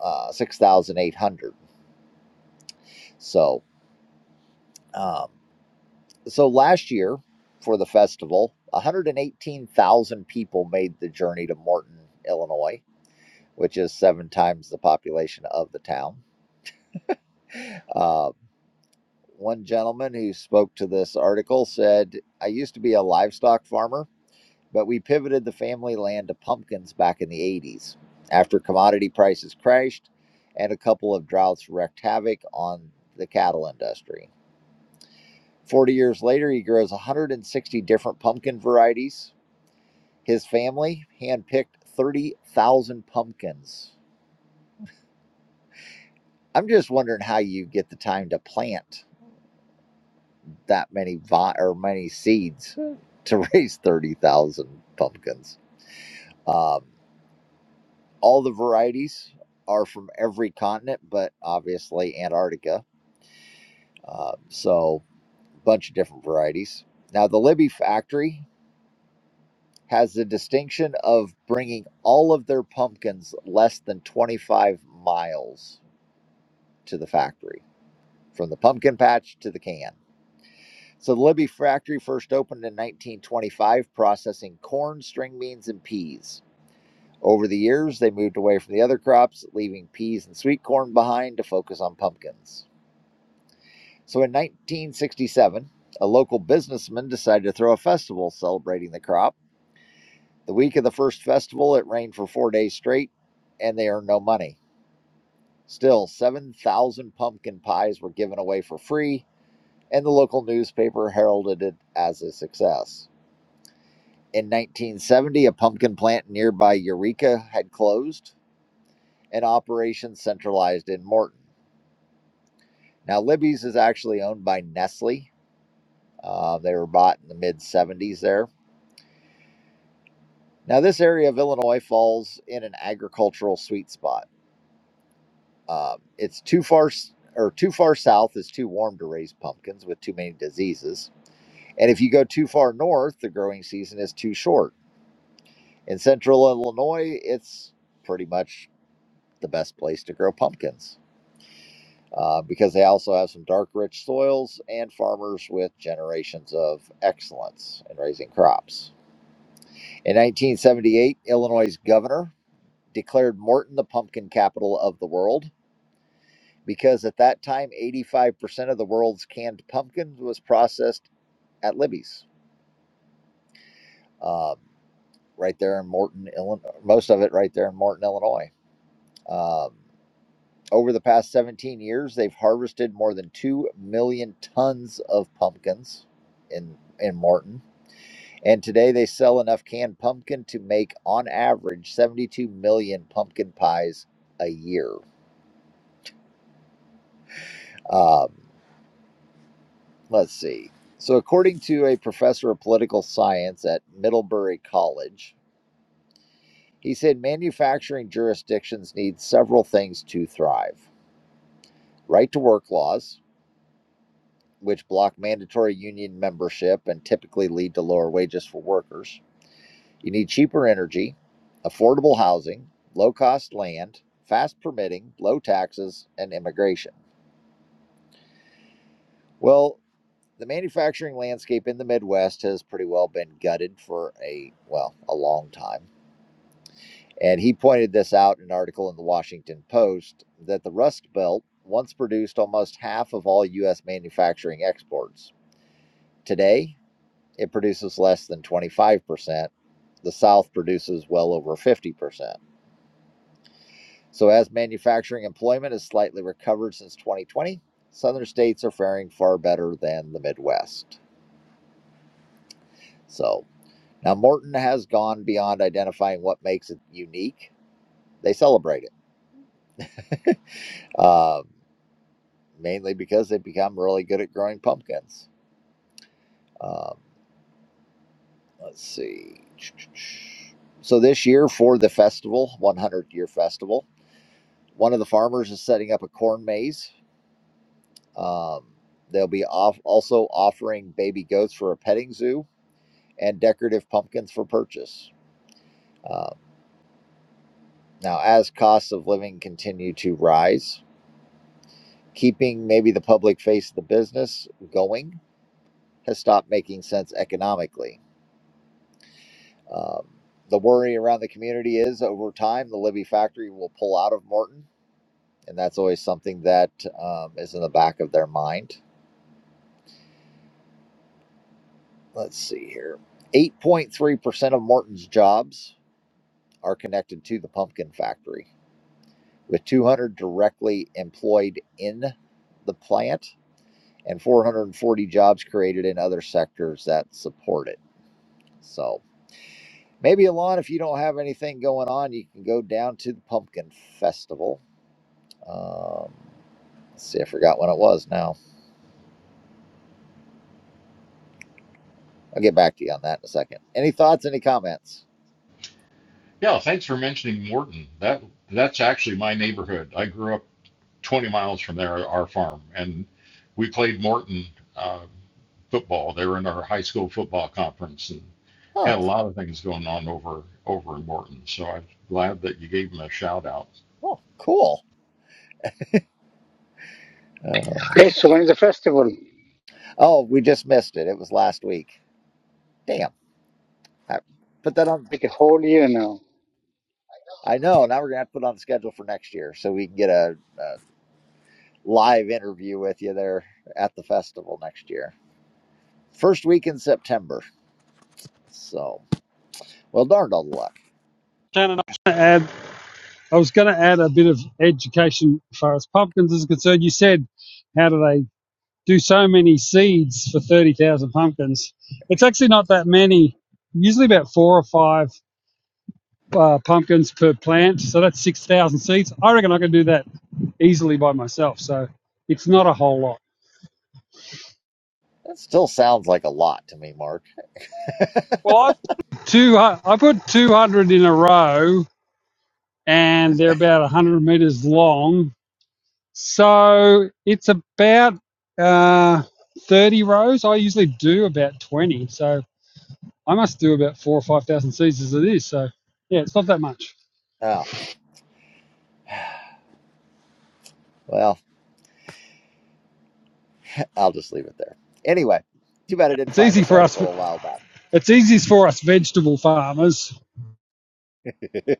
Speaker 1: uh, six thousand eight hundred. So, um, so last year for the festival, one hundred and eighteen thousand people made the journey to Morton, Illinois, which is seven times the population of the town. Uh, one gentleman who spoke to this article said, "I used to be a livestock farmer." but we pivoted the family land to pumpkins back in the 80s after commodity prices crashed and a couple of droughts wreaked havoc on the cattle industry. 40 years later, he grows 160 different pumpkin varieties. His family handpicked 30,000 pumpkins. I'm just wondering how you get the time to plant that many vi- or many seeds to (laughs) raise 30,000 pumpkins. Um, all the varieties are from every continent, but obviously Antarctica. Uh, so, a bunch of different varieties. Now, the Libby factory has the distinction of bringing all of their pumpkins less than 25 miles to the factory, from the pumpkin patch to the can. So, the Libby factory first opened in 1925, processing corn, string beans, and peas. Over the years, they moved away from the other crops, leaving peas and sweet corn behind to focus on pumpkins. So in 1967, a local businessman decided to throw a festival celebrating the crop. The week of the first festival, it rained for four days straight, and they earned no money. Still, 7,000 pumpkin pies were given away for free, and the local newspaper heralded it as a success. In 1970, a pumpkin plant nearby Eureka had closed and operations centralized in Morton. Now, Libby's is actually owned by Nestle. Uh, they were bought in the mid 70s there. Now, this area of Illinois falls in an agricultural sweet spot. Um, it's too far or too far south is too warm to raise pumpkins with too many diseases. And if you go too far north, the growing season is too short. In central Illinois, it's pretty much the best place to grow pumpkins uh, because they also have some dark, rich soils and farmers with generations of excellence in raising crops. In 1978, Illinois' governor declared Morton the pumpkin capital of the world because at that time, 85% of the world's canned pumpkin was processed at Libby's, um, right there in Morton, Illinois. Most of it right there in Morton, Illinois. Um, over the past 17 years, they've harvested more than 2 million tons of pumpkins in, in Morton. And today they sell enough canned pumpkin to make, on average, 72 million pumpkin pies a year. Um, let's see. So, according to a professor of political science at Middlebury College, he said manufacturing jurisdictions need several things to thrive right to work laws, which block mandatory union membership and typically lead to lower wages for workers. You need cheaper energy, affordable housing, low cost land, fast permitting, low taxes, and immigration. Well, the manufacturing landscape in the Midwest has pretty well been gutted for a well, a long time. And he pointed this out in an article in the Washington Post that the Rust Belt once produced almost half of all US manufacturing exports. Today, it produces less than 25%. The South produces well over 50%. So as manufacturing employment has slightly recovered since 2020, southern states are faring far better than the Midwest. So, Now, Morton has gone beyond identifying what makes it unique. They celebrate it, (laughs) um, mainly because they've become really good at growing pumpkins. Um, let's see. So, this year for the festival, 100 year festival, one of the farmers is setting up a corn maze. Um, they'll be off, also offering baby goats for a petting zoo and decorative pumpkins for purchase. Um, now, as costs of living continue to rise, Keeping maybe the public face of the business going has stopped making sense economically. Um, the worry around the community is over time, the Libby factory will pull out of Morton, and that's always something that um, is in the back of their mind. Let's see here 8.3% of Morton's jobs are connected to the pumpkin factory, with 200 directly employed in the plant and 440 jobs created in other sectors that support it. So, Maybe Alon, if you don't have anything going on, you can go down to the Pumpkin Festival. Um, let's see, I forgot when it was now. I'll get back to you on that in a second. Any thoughts, any comments?
Speaker 3: Yeah, thanks for mentioning Morton. That that's actually my neighborhood. I grew up 20 miles from there, our farm, and we played Morton uh, football. They were in our high school football conference and
Speaker 1: Huh.
Speaker 3: had a lot of things going on over over in Morton. So I'm glad that you gave them a shout out.
Speaker 1: Oh, cool. Uh,
Speaker 5: Okay, so when is the festival?
Speaker 1: oh, we just missed it. It was last week. Damn. I put that on.
Speaker 5: Like a whole year now.
Speaker 1: I know. Now we're going to have to put it on the schedule for next year so we can get a, a live interview with you there at the festival next year. First week in September. So, well, darned all the luck.
Speaker 8: Shannon, I- gonna add, I was going to add a bit of education as far as pumpkins is concerned. You said, how do they do so many seeds for 30,000 pumpkins? It's actually not that many, usually about four or five uh, pumpkins per plant. So that's 6,000 seeds. I reckon I can do that easily by myself. So it's not a whole lot.
Speaker 1: That still sounds like a lot to me, Mark.
Speaker 8: Well, I put two. I put two hundred in a row, and they're about one hundred meters long. So it's about uh, thirty rows. I usually do about twenty, so I must do about four or five thousand seeds as it is. So yeah, it's not that much.
Speaker 1: Oh, well, I'll just leave it there. Anyway, too bad I didn't
Speaker 8: It's
Speaker 1: find
Speaker 8: easy
Speaker 1: this
Speaker 8: for us.
Speaker 1: article a while back.
Speaker 8: It's easy for us vegetable farmers.
Speaker 1: (laughs)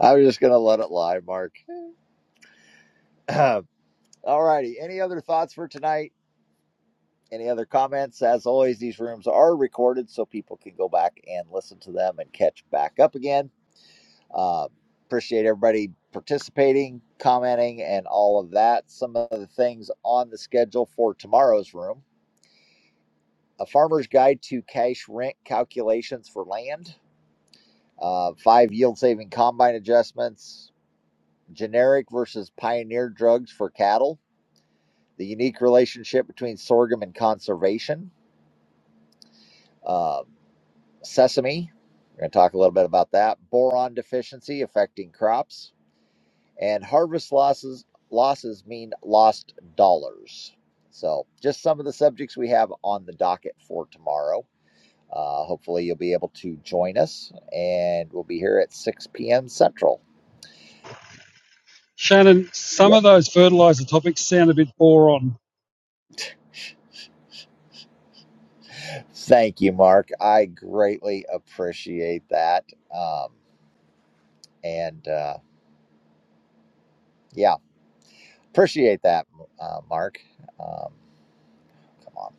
Speaker 1: I was just going to let it lie, Mark. (clears throat) All righty. Any other thoughts for tonight? Any other comments? As always, these rooms are recorded so people can go back and listen to them and catch back up again. Uh, appreciate everybody participating, commenting, and all of that. Some of the things on the schedule for tomorrow's room A Farmer's Guide to Cash Rent Calculations for Land, uh, five yield saving combine adjustments, generic versus pioneer drugs for cattle, the unique relationship between sorghum and conservation, uh, sesame. We're going to talk a little bit about that. Boron deficiency affecting crops and harvest losses losses mean lost dollars. So, just some of the subjects we have on the docket for tomorrow. Uh, hopefully, you'll be able to join us, and we'll be here at 6 p.m. Central.
Speaker 8: Shannon, some
Speaker 1: Yep.
Speaker 8: of those fertilizer topics sound a bit boring.
Speaker 1: Thank you, Mark. I greatly appreciate that. Um, and uh, yeah, appreciate that, uh, Mark. Um, come on,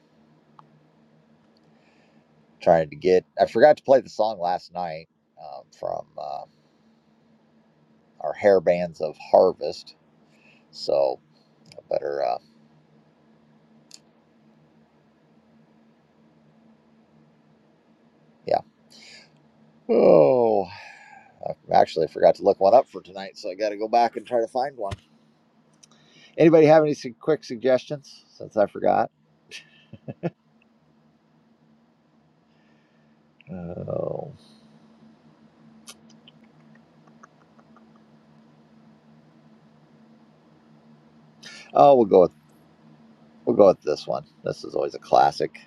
Speaker 1: trying to get. I forgot to play the song last night um, from uh, our hair bands of Harvest. So But uh, yeah. Oh, I actually forgot to look one up for tonight, so I got to go back and try to find one. Anybody have any su- quick suggestions? Since I forgot. Oh, oh, we'll go with we'll go with this one. This is always a classic.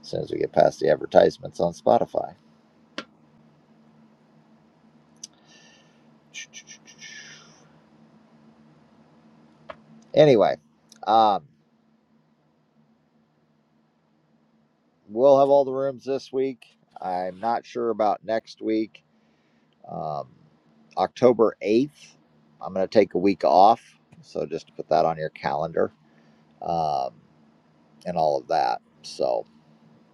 Speaker 1: As soon as we get past the advertisements on Spotify. Anyway, um, we'll have all the rooms this week. I'm not sure about next week. Um, October 8th, I'm going to take a week off. So just to put that on your calendar um, and all of that. So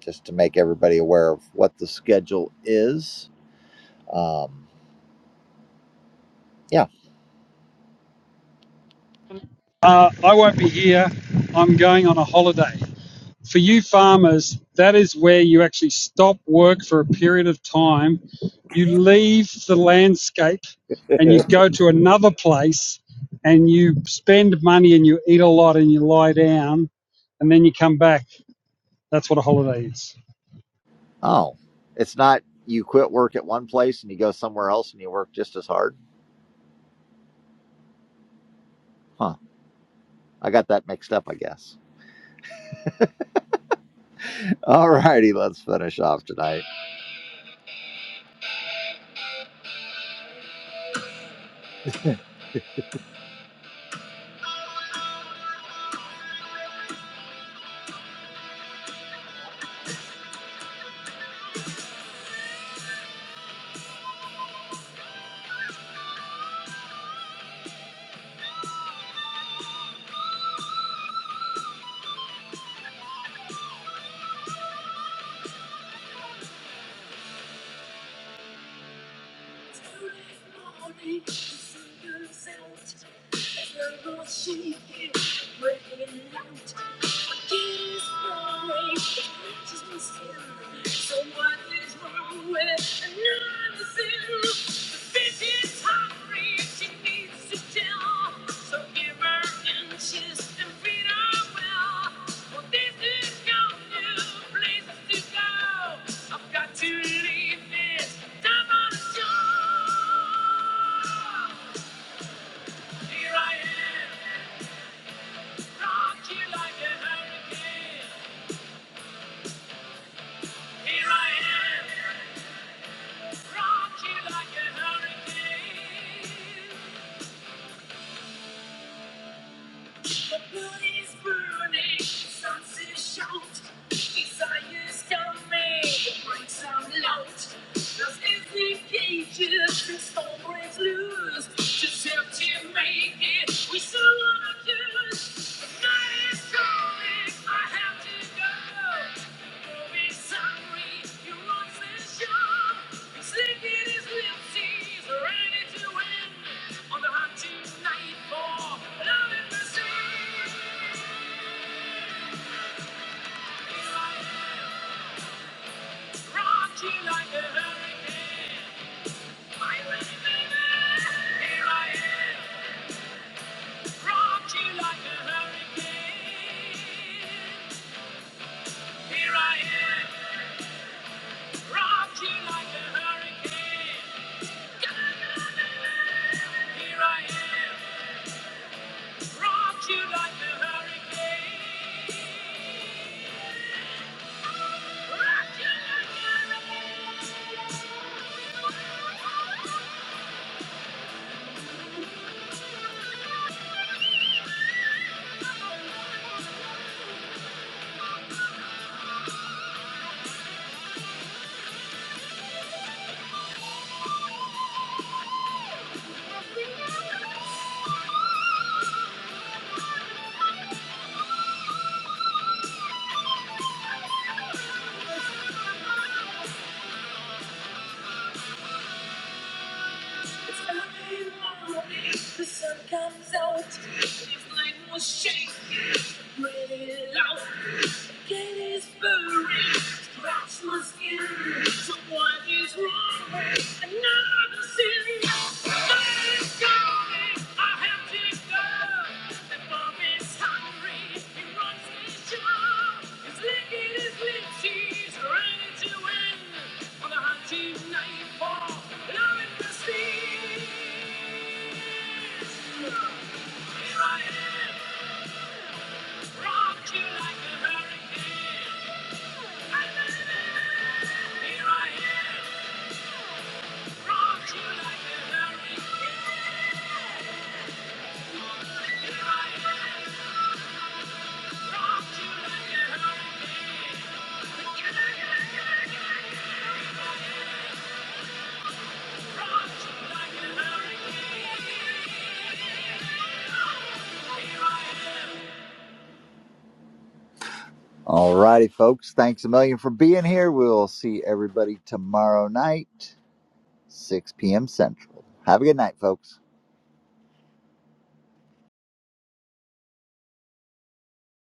Speaker 1: just to make everybody aware of what the schedule is. Um, yeah.
Speaker 8: Uh, I won't be here. I'm going on a holiday. for you farmers, that is where you actually stop work for a period of time. You leave the landscape and you
Speaker 1: (laughs)
Speaker 8: go to another place and you spend money and you eat a lot and you lie down and then you come back. That's what a holiday is.
Speaker 1: Oh, it's not you quit work at one place and you go somewhere else and you work just as hard. Huh. I got that mixed up, I guess. (laughs) All righty, let's finish off tonight. I've got to leave this time on the show. Here I am, rock you like a hurricane. Here I am, rock you like a hurricane. The blood is burning, sons is shout. Desires come in, the breaks are loud. There's every the storm breaks loose. Just help to make it, we still want to do. Here I am. Rock you like a hurricane. Here I am. Rock you like a hurricane. Rock you like a hurricane. The sun comes out. This night was shaking. Really loud. Get inspiration, scratch my skin. So what is wrong with another city? Let's go. I have to go. The bomb is hungry. He runs his jaw. He's licking his lips. He's ready to win. On the hot team nightfall, love and prestige. Here I am. Rock you like a hurricane. Here I am. Rock you like a hurricane. Here I am. Rock you like a hurricane. Rock you like a hurricane. Here I am. All righty, folks. Thanks a million for being here. We'll see everybody tomorrow night, 6 p.m. Central. Have a good night, folks.